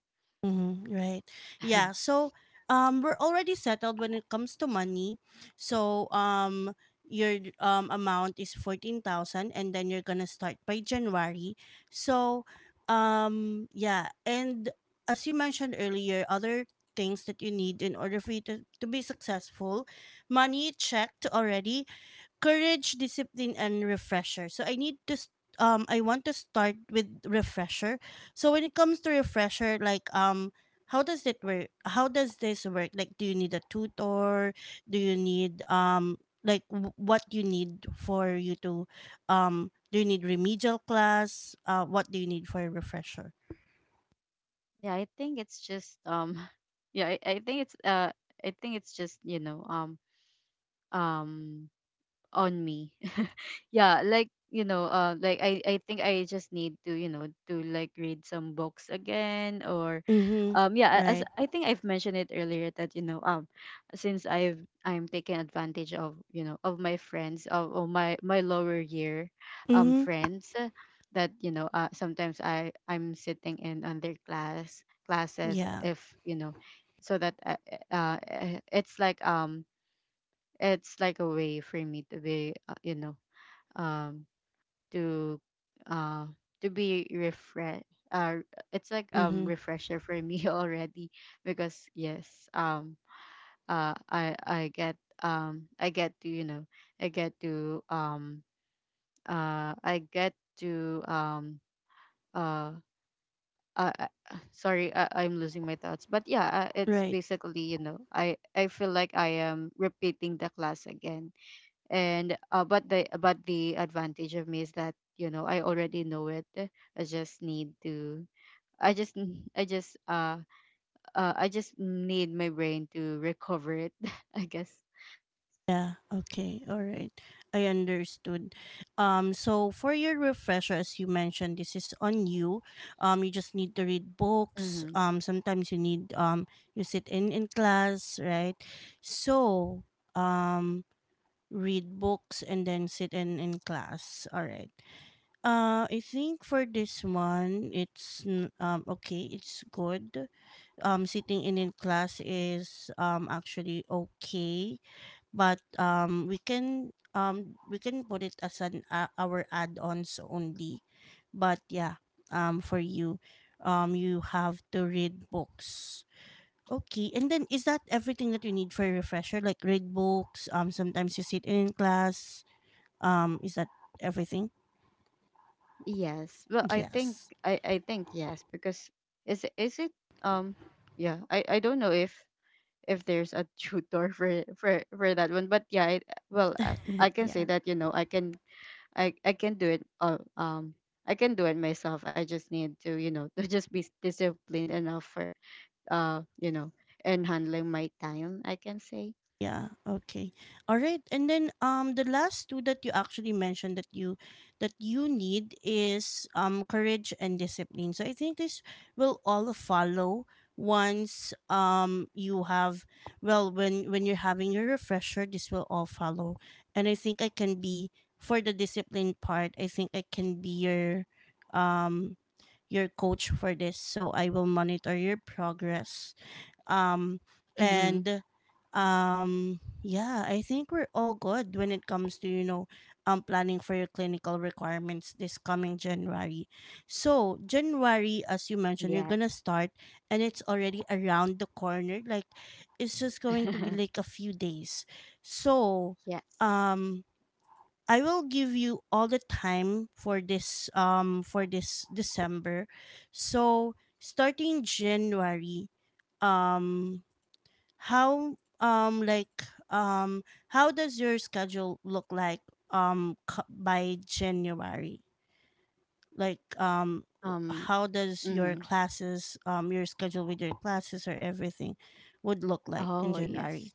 [SPEAKER 1] mm-hmm. Right. Yeah. So, we're already settled when it comes to money. So, your amount is 14,000, and then you're gonna start by January. So, yeah, and as you mentioned earlier, other things that you need in order for you to be successful: money, checked already; courage, discipline, and refresher. So, I need to I want to start with refresher. So, when it comes to refresher, like, how does it work? How does this work? Like, do you need a tutor? Do you need, like, what you need for you to, do you need remedial class? What do you need for a refresher?
[SPEAKER 2] Yeah, I think it's just yeah, I think it's I think it's just, um on me. Yeah, like, I think I just need to, like, read some books again, or
[SPEAKER 1] Mhm.
[SPEAKER 2] yeah,
[SPEAKER 1] Right.
[SPEAKER 2] as I think I've mentioned it earlier, that, since I've I'm taking advantage of, of my friends, of my lower year
[SPEAKER 1] Mhm.
[SPEAKER 2] friends, that, sometimes I'm sitting in on their classes,
[SPEAKER 1] Yeah.
[SPEAKER 2] if you know. So that, it's like, a way for me to be, um to uh to be, refresh uh it's like
[SPEAKER 1] Mhm.
[SPEAKER 2] refresher for me, already. Because yes, uh I I get I get to i get to um uh i get to um uh uh, uh, sorry, I'm losing my thoughts, but yeah, it's
[SPEAKER 1] Right.
[SPEAKER 2] basically, I feel like I am repeating the class again. And, but the advantage of me is that, I already know it. I just need to, I just n- I just I just need my brain to recover it, I guess.
[SPEAKER 1] Yeah, okay. All right. I understood. So, for your refresher, as you mentioned, this is on you. You just need to read books.
[SPEAKER 2] Mm-hmm.
[SPEAKER 1] Sometimes you need, you sit in class, right? So, um read books, and then sit in class. All right. I think for this one it's okay, it's good. Sitting in class is actually okay, but we can, we can put it as an our add-ons only, but yeah, for you, you have to read books. Okay, and then, is that everything that you need for a refresher, like, read books, sometimes you sit in class, is that everything?
[SPEAKER 2] Yes, well I think,
[SPEAKER 1] Yes.
[SPEAKER 2] I think yes, because, is it um yeah, I don't know if there's a tutor for, that one. But yeah, well, I can say
[SPEAKER 1] Yeah.
[SPEAKER 2] that, I can do it. I can do it myself. I just need to, to just be disciplined enough for, uh, you know, and handling my time, I can say.
[SPEAKER 1] Yeah, okay. All right. And then, the last two that you actually mentioned that you need is courage and discipline. So, I think this will all follow once, you have, well, when you're having your refresher, this will all follow. And I think I can be for the discipline part, I think I can be um your coach for this, so I will monitor your progress. Um
[SPEAKER 2] Mm-hmm.
[SPEAKER 1] and yeah, I think we're all good when it comes to, planning for your clinical requirements this coming January. So, January, as you mentioned, you're
[SPEAKER 2] Yeah.
[SPEAKER 1] going to start, and it's already around the corner. Like, it's just going to be like a few days. So,
[SPEAKER 2] Yes.
[SPEAKER 1] um I will give you all the time for this, for this December. So, starting January, um how, like, um how does your schedule look like, by January? Like,
[SPEAKER 2] Um.
[SPEAKER 1] how does your
[SPEAKER 2] Mm-hmm.
[SPEAKER 1] classes, your schedule with your classes, or everything would look like in
[SPEAKER 2] Oh yes.
[SPEAKER 1] January?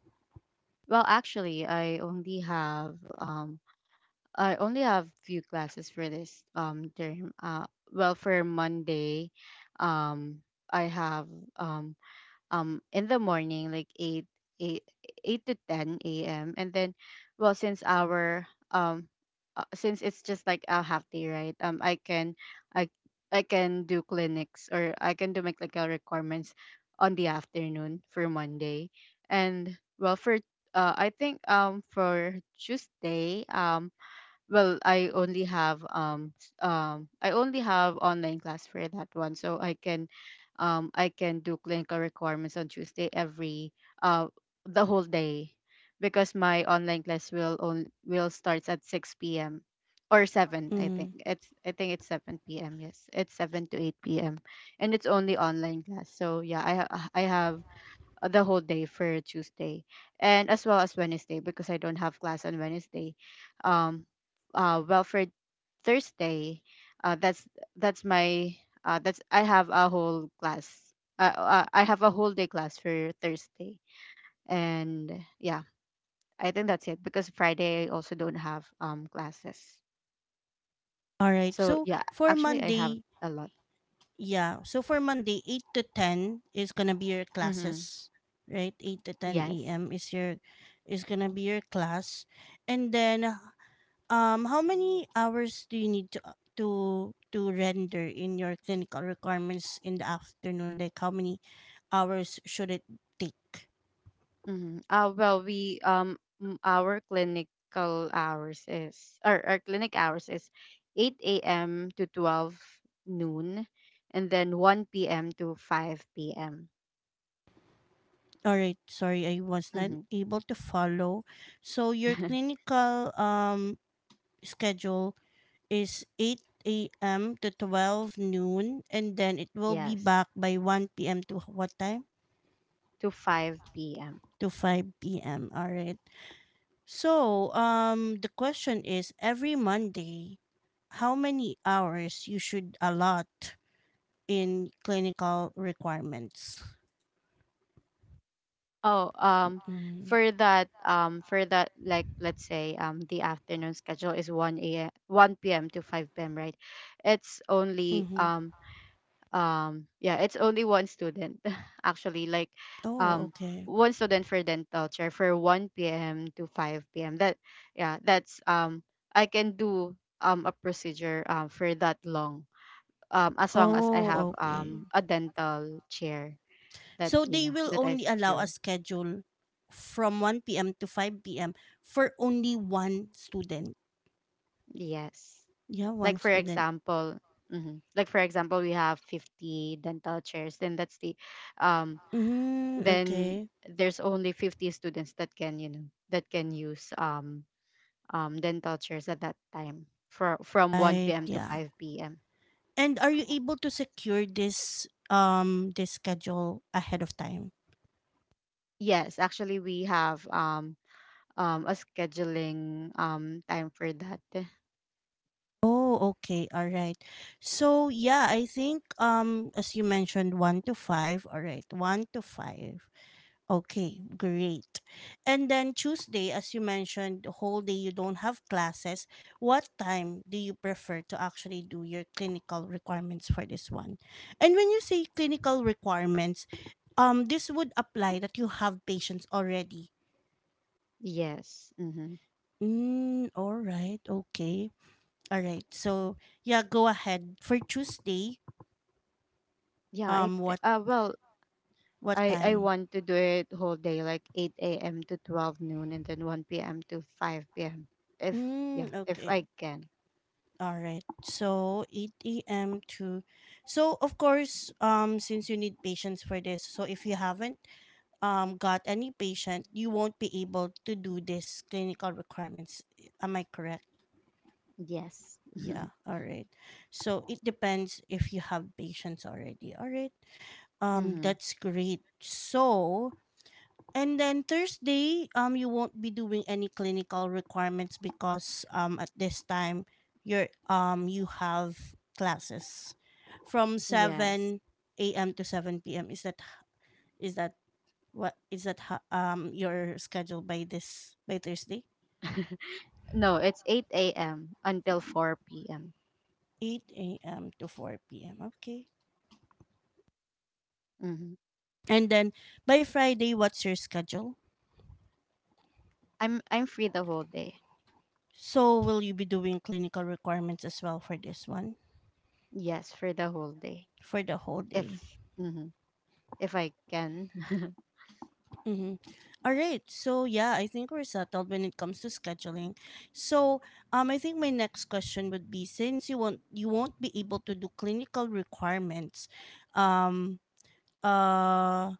[SPEAKER 2] Well, actually, I only have few classes for this term. Well, for Monday, um, I have, um in the morning, like 8, 8, to 10 a.m, and then, well, since our, um since it's just like a half day, right, i I can do clinics, or I can do my clinical requirements on the afternoon for Monday. And, for tuesday I only have, I only have online class for that one, so, I can do clinical requirements on Tuesday, every uh the whole day, because my online class, will starts at 6 p.m, or 7, I think
[SPEAKER 1] Mm.
[SPEAKER 2] it's, 7 p.m. Yes, it's 7 to 8 p.m, and it's only online class, so yeah, I have, the whole day for Tuesday, and as well as Wednesday, because I don't have class on Wednesday. Um, well, for Thursday, uh, that's that's my that's I have a whole class. I have a whole day class for Thursday, and yeah, I think that's it, because Friday I also don't have classes.
[SPEAKER 1] All right.
[SPEAKER 2] So
[SPEAKER 1] So
[SPEAKER 2] yeah,
[SPEAKER 1] for
[SPEAKER 2] actually I have
[SPEAKER 1] Monday.
[SPEAKER 2] a lot.
[SPEAKER 1] Yeah. So, for Monday, 8 to 10 is going to be your
[SPEAKER 2] Mm-hmm.
[SPEAKER 1] classes, right? 8 to 10
[SPEAKER 2] Yes.
[SPEAKER 1] a.m. is your is going to be your class. And then, how many hours do you need to render in your clinical requirements in the afternoon? Like, how many hours should it take?
[SPEAKER 2] Mhm. Well, our clinical hours is, or our clinic hours is, 8 a.m. to 12 noon, and then 1 p.m. to 5 p.m.
[SPEAKER 1] All right, sorry, I was not
[SPEAKER 2] Hmm.
[SPEAKER 1] able to follow. So, your clinical schedule is 8 a.m. to 12 noon, and then it will be
[SPEAKER 2] Yes,
[SPEAKER 1] back by 1 p.m. to what time?
[SPEAKER 2] to 5 p.m.
[SPEAKER 1] To 5 p.m. All right. So, the question is, every Monday, how many hours you should allot in clinical requirements?
[SPEAKER 2] Oh,
[SPEAKER 1] Mm-hmm.
[SPEAKER 2] for that, like, let's say, the afternoon schedule is, 1 a.m. 1 p.m. to 5 p.m., right? It's only,
[SPEAKER 1] Mm-hmm.
[SPEAKER 2] yeah, it's only one student, actually, like
[SPEAKER 1] Oh,
[SPEAKER 2] um
[SPEAKER 1] okay.
[SPEAKER 2] one student for dental chair for 1 p.m to 5 p.m, that yeah, that's I can do a procedure for that long, as long as I
[SPEAKER 1] Oh,
[SPEAKER 2] have
[SPEAKER 1] okay.
[SPEAKER 2] a dental chair that,
[SPEAKER 1] So, they will
[SPEAKER 2] that I
[SPEAKER 1] only allow a
[SPEAKER 2] secure.
[SPEAKER 1] schedule from 1 p.m. to 5 p.m. for only one student.
[SPEAKER 2] Yes,
[SPEAKER 1] Yeah,
[SPEAKER 2] like
[SPEAKER 1] one
[SPEAKER 2] for
[SPEAKER 1] student.
[SPEAKER 2] example. Mhm. Like, for example, we have 50 dental chairs, then that's the, um
[SPEAKER 1] Mm,
[SPEAKER 2] then
[SPEAKER 1] okay.
[SPEAKER 2] there's only 50 students that can, that can use, dental chairs at that time, for from 1
[SPEAKER 1] Right,
[SPEAKER 2] p.m. to
[SPEAKER 1] yeah.
[SPEAKER 2] 5 p.m.
[SPEAKER 1] And are you able to secure this schedule ahead of time?
[SPEAKER 2] Yes, actually we have, a scheduling time for that.
[SPEAKER 1] Oh, okay. All right. So, yeah, I think, as you mentioned, 1 to 5, all right. 1 to 5. Okay, great. And then Tuesday, as you mentioned, the whole day you don't have classes. What time do you prefer to actually do your clinical requirements for this one? And when you say clinical requirements, this would apply that you have patients already.
[SPEAKER 2] Yes. Mm-hmm.
[SPEAKER 1] Mm, all right, okay. All right. So, yeah, go ahead. For Tuesday, um what
[SPEAKER 2] Well,
[SPEAKER 1] what
[SPEAKER 2] I
[SPEAKER 1] time?
[SPEAKER 2] want to do it whole day, like, 8 a.m. to 12 noon, and then 1 p.m. to 5 p.m., if yeah,
[SPEAKER 1] Mm,
[SPEAKER 2] if
[SPEAKER 1] okay.
[SPEAKER 2] I can.
[SPEAKER 1] All right. So, 8 a.m. to, so, of course, since you need patients for this, so if you haven't, got any patient, you won't be able to do this clinical requirements. Am I correct?
[SPEAKER 2] Yes.
[SPEAKER 1] Yeah, all right. So, it depends if you have patients already. All right.
[SPEAKER 2] Mm-hmm.
[SPEAKER 1] That's great. So, and then Thursday, you won't be doing any clinical requirements because, at this time, you're, you have classes from
[SPEAKER 2] Yes.
[SPEAKER 1] 7 a.m. to 7 p.m. Is that what is that ho- your schedule by Thursday?
[SPEAKER 2] No, it's 8 a.m. until 4 p.m.
[SPEAKER 1] 8 a.m. to 4 p.m. Okay.
[SPEAKER 2] Hmm.
[SPEAKER 1] And then, by Friday, what's your schedule?
[SPEAKER 2] I'm free the whole day.
[SPEAKER 1] So, will you be doing clinical requirements as well for this one,
[SPEAKER 2] Yes, for the whole day.
[SPEAKER 1] for the whole
[SPEAKER 2] If
[SPEAKER 1] day?
[SPEAKER 2] hmm if I can.
[SPEAKER 1] Mm-hmm. All right. So, yeah, I think we're settled when it comes to scheduling. So I think my next question would be, since you won't be able to do clinical requirements, um, uh,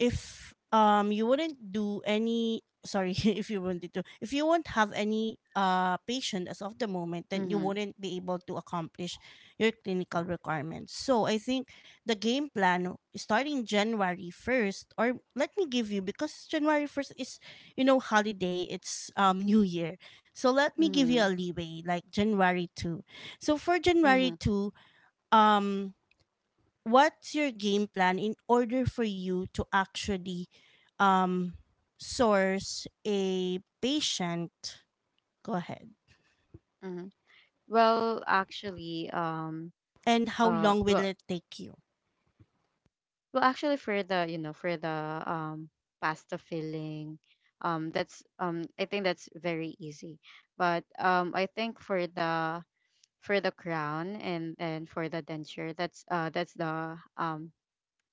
[SPEAKER 1] if you wouldn't do any sorry if you wanted to, if you won't have any patient as of the moment, then you
[SPEAKER 2] Mm-hmm.
[SPEAKER 1] wouldn't be able to accomplish your clinical requirements. So I think the game plan starting January 1st, or let me give you, because January 1st is, you know, holiday, it's new year, so let me give you a
[SPEAKER 2] Mm-hmm.
[SPEAKER 1] leeway, like January 2. So for
[SPEAKER 2] Mm-hmm.
[SPEAKER 1] January 2, um what's your game plan in order for you to actually um source a patient? Go ahead.
[SPEAKER 2] Mm-hmm. Well, actually,
[SPEAKER 1] And how
[SPEAKER 2] uh,
[SPEAKER 1] long will
[SPEAKER 2] well,
[SPEAKER 1] it take you?
[SPEAKER 2] well, actually, for the um pasta filling, that's, I think, that's very easy. But, I think for the crown, and for the denture, that's, that's the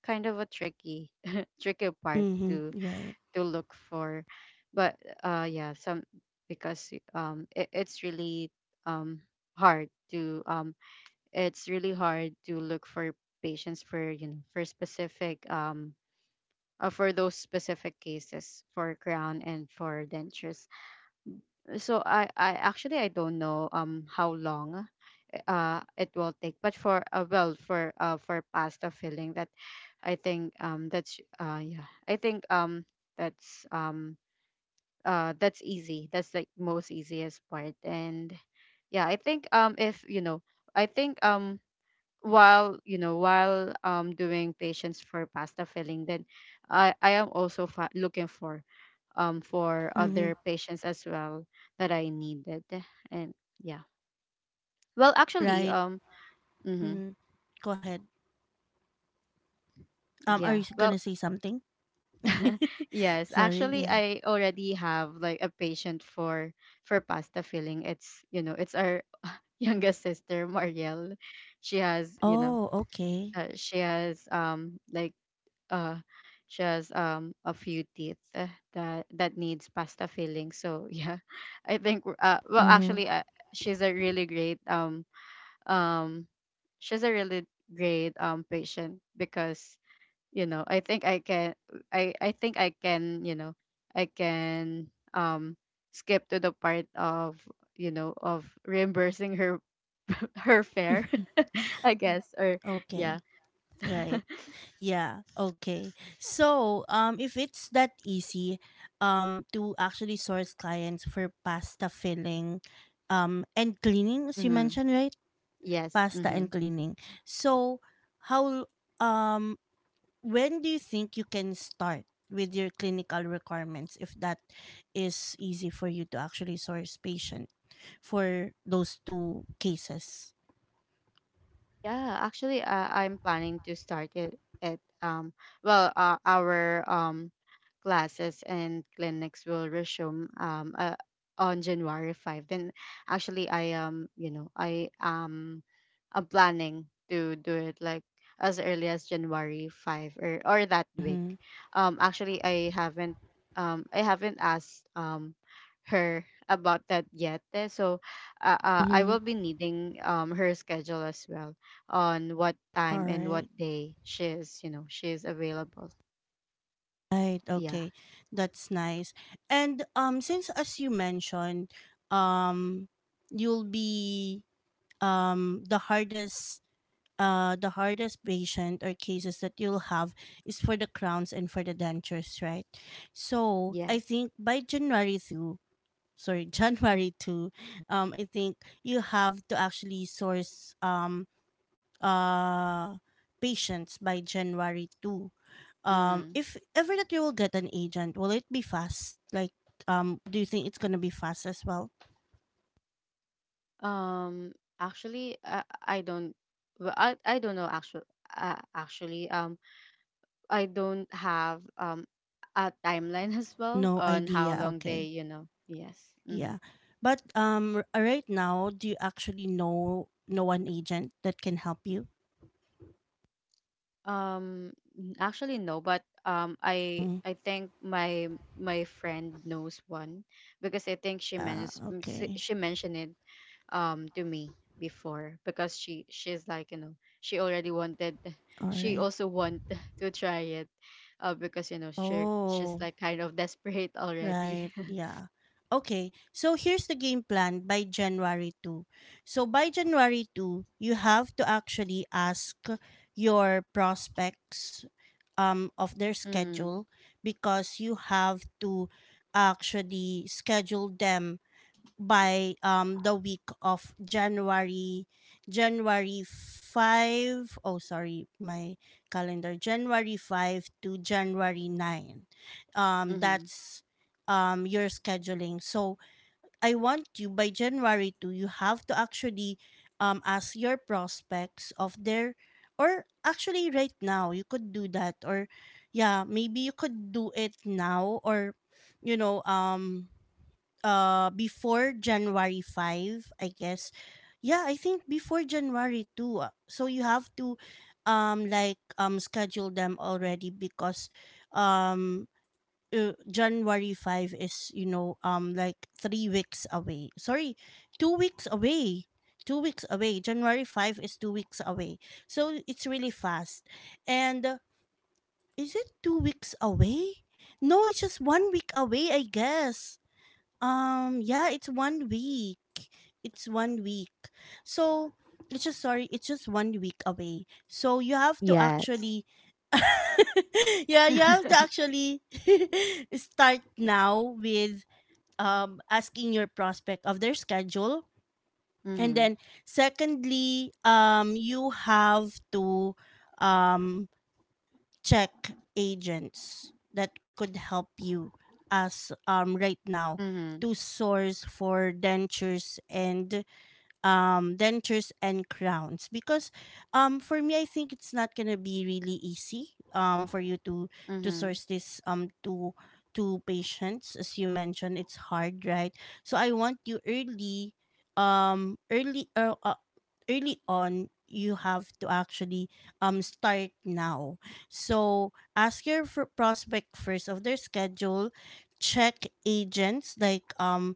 [SPEAKER 2] kind of a tricky, tricky part,
[SPEAKER 1] Mm-hmm. Right.
[SPEAKER 2] to look for. But, yeah, some, because, um hard to um it's really hard to look for patients, for you know for specific, for those specific cases for crown and for dentures. So, I actually I don't know, how long it will take. But, for well for pasta filling, that, I think that's yeah, I think that's um that's easy, that's the most easiest part, and yeah, I think, if, you know I think while, while, doing patients for pasta filling, then I am also, looking for, for
[SPEAKER 1] Mm-hmm.
[SPEAKER 2] other patients as well, that I needed, and yeah, well, actually,
[SPEAKER 1] Right.
[SPEAKER 2] mhm.
[SPEAKER 1] Mm-hmm. Go ahead. Are you
[SPEAKER 2] Yeah.
[SPEAKER 1] gonna
[SPEAKER 2] Well,
[SPEAKER 1] say something?
[SPEAKER 2] yes,
[SPEAKER 1] Sorry,
[SPEAKER 2] actually
[SPEAKER 1] yeah.
[SPEAKER 2] I already have like a patient, for pasta filling. It's our youngest sister, Marielle. She has,
[SPEAKER 1] Oh, okay.
[SPEAKER 2] uh, she has um like uh a few teeth, that needs pasta filling. So, yeah. Well,
[SPEAKER 1] Mm-hmm.
[SPEAKER 2] actually, she's a really great um um she's a really great patient, because, I think I can, i i think i can you know i can um skip to the part of, of reimbursing her, her fare, I guess, or
[SPEAKER 1] Okay.
[SPEAKER 2] yeah.
[SPEAKER 1] Right. Yeah, okay. So, if it's that easy to actually source clients for pasta filling, and cleaning, as you
[SPEAKER 2] Mm-hmm.
[SPEAKER 1] mentioned, right?
[SPEAKER 2] Yes.
[SPEAKER 1] Pasta
[SPEAKER 2] Mm-hmm.
[SPEAKER 1] and cleaning. So, how, um when do you think you can start with your clinical requirements, if that is easy for you to actually source patient for those two cases?
[SPEAKER 2] Yeah, actually, I'm planning to start it at, well, our classes and clinics will resume, on January 5, then actually, I you know I am I'm planning to do it, like, as early as January 5, or that week.
[SPEAKER 1] Mm-hmm.
[SPEAKER 2] Actually, I haven't asked her about that yet. So, I
[SPEAKER 1] Mm-hmm.
[SPEAKER 2] will be needing, her schedule as well, on what
[SPEAKER 1] All
[SPEAKER 2] time and what
[SPEAKER 1] right.
[SPEAKER 2] day she is, available.
[SPEAKER 1] Right.
[SPEAKER 2] Yeah.
[SPEAKER 1] Okay. That's nice. And since, as you mentioned, um you'll be um the hardest the hardest patient or cases that you'll have is for the crowns and for the dentures, right? So I
[SPEAKER 2] Yes.
[SPEAKER 1] think by January 2, sorry January to, I think you have to actually source uh patients by January 2.
[SPEAKER 2] Mhm.
[SPEAKER 1] If ever that you will get an agent, will it be fast, like do you think it's going to be fast as well?
[SPEAKER 2] Um actually, I don't well, I don't know, actually, uh, actually um I don't have a timeline, as well,
[SPEAKER 1] No
[SPEAKER 2] on how
[SPEAKER 1] idea,
[SPEAKER 2] long they,
[SPEAKER 1] okay.
[SPEAKER 2] you know. Yes. Hmm.
[SPEAKER 1] Yeah, but right now, do you actually know an agent that can help you?
[SPEAKER 2] Um actually no, but, I
[SPEAKER 1] Mm.
[SPEAKER 2] I think my friend knows one, because I think she,
[SPEAKER 1] Uh, okay.
[SPEAKER 2] she mentioned it, to me before, because, she's like, she already wanted
[SPEAKER 1] All
[SPEAKER 2] she
[SPEAKER 1] right.
[SPEAKER 2] also want to try it, because, she's
[SPEAKER 1] Oh.
[SPEAKER 2] like kind of desperate already.
[SPEAKER 1] Right. Yeah. Okay. So here's the game plan by January 2. So by January 2, you have to actually ask your prospects of their
[SPEAKER 2] Mm-hmm.
[SPEAKER 1] schedule, because you have to actually schedule them by the week of January 5, oh sorry my calendar, January 5 to January 9.
[SPEAKER 2] Mm-hmm.
[SPEAKER 1] That's your scheduling. So I want you by January 2, you have to actually ask your prospects of their, or actually right now you could do that, or yeah, maybe you could do it now, or, you know, before January 5, I guess. Yeah, I think before January 2. So you have to like schedule them already, because um January 5 is, you know, like 3 weeks away. Sorry, 2 weeks away. 2 weeks away. January 5 is 2 weeks away. So it's really fast. And is it 2 weeks away? No, it's just 1 week away, I guess. Yeah, it's 1 week. It's 1 week. So it's just, sorry, it's just 1 week away. So you have to
[SPEAKER 2] Yes.
[SPEAKER 1] actually yeah, you have to actually start now with asking your prospect of their schedule. And
[SPEAKER 2] Mhm.
[SPEAKER 1] then secondly, you have to um check agents that could help you as right now
[SPEAKER 2] Mhm.
[SPEAKER 1] to source for dentures and dentures and crowns, because for me, I think it's not going to be really easy for you to
[SPEAKER 2] Mhm.
[SPEAKER 1] source this to patients. As you mentioned, it's hard, right? So I want you early, early early on, you have to actually start now. So ask your prospect first of their schedule, check agents, like,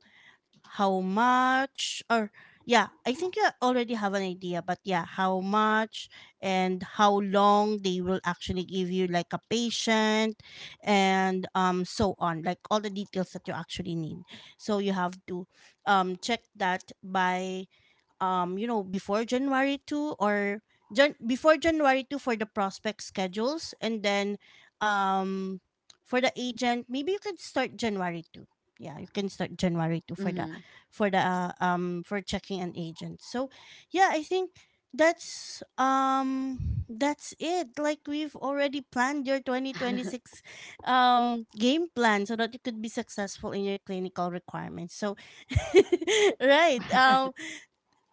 [SPEAKER 1] how much, or yeah, I think you already have an idea, but yeah, how much and how long they will actually give you like a patient, and so on, like all the details that you actually need. So you have to check that by, you know, before January 2, or before January 2 for the prospect schedules. And then um for the agent, maybe you could start January 2. Yeah, you can start January 2 for the
[SPEAKER 2] Mhm.
[SPEAKER 1] for the for checking an agent. So, yeah, I think that's um that's it. Like we've already planned your 2026 game plan, so that you could be successful in your clinical requirements. So, right. Um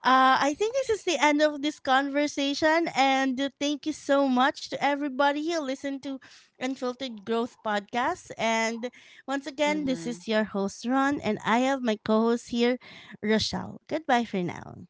[SPEAKER 1] uh, I think this is the end of this conversation, and thank you so much to everybody who listened to Unfiltered Growth Podcast. And once again, this
[SPEAKER 2] Mhm.
[SPEAKER 1] is your host, Ron, and I have my co host here, Rochelle. Goodbye for now.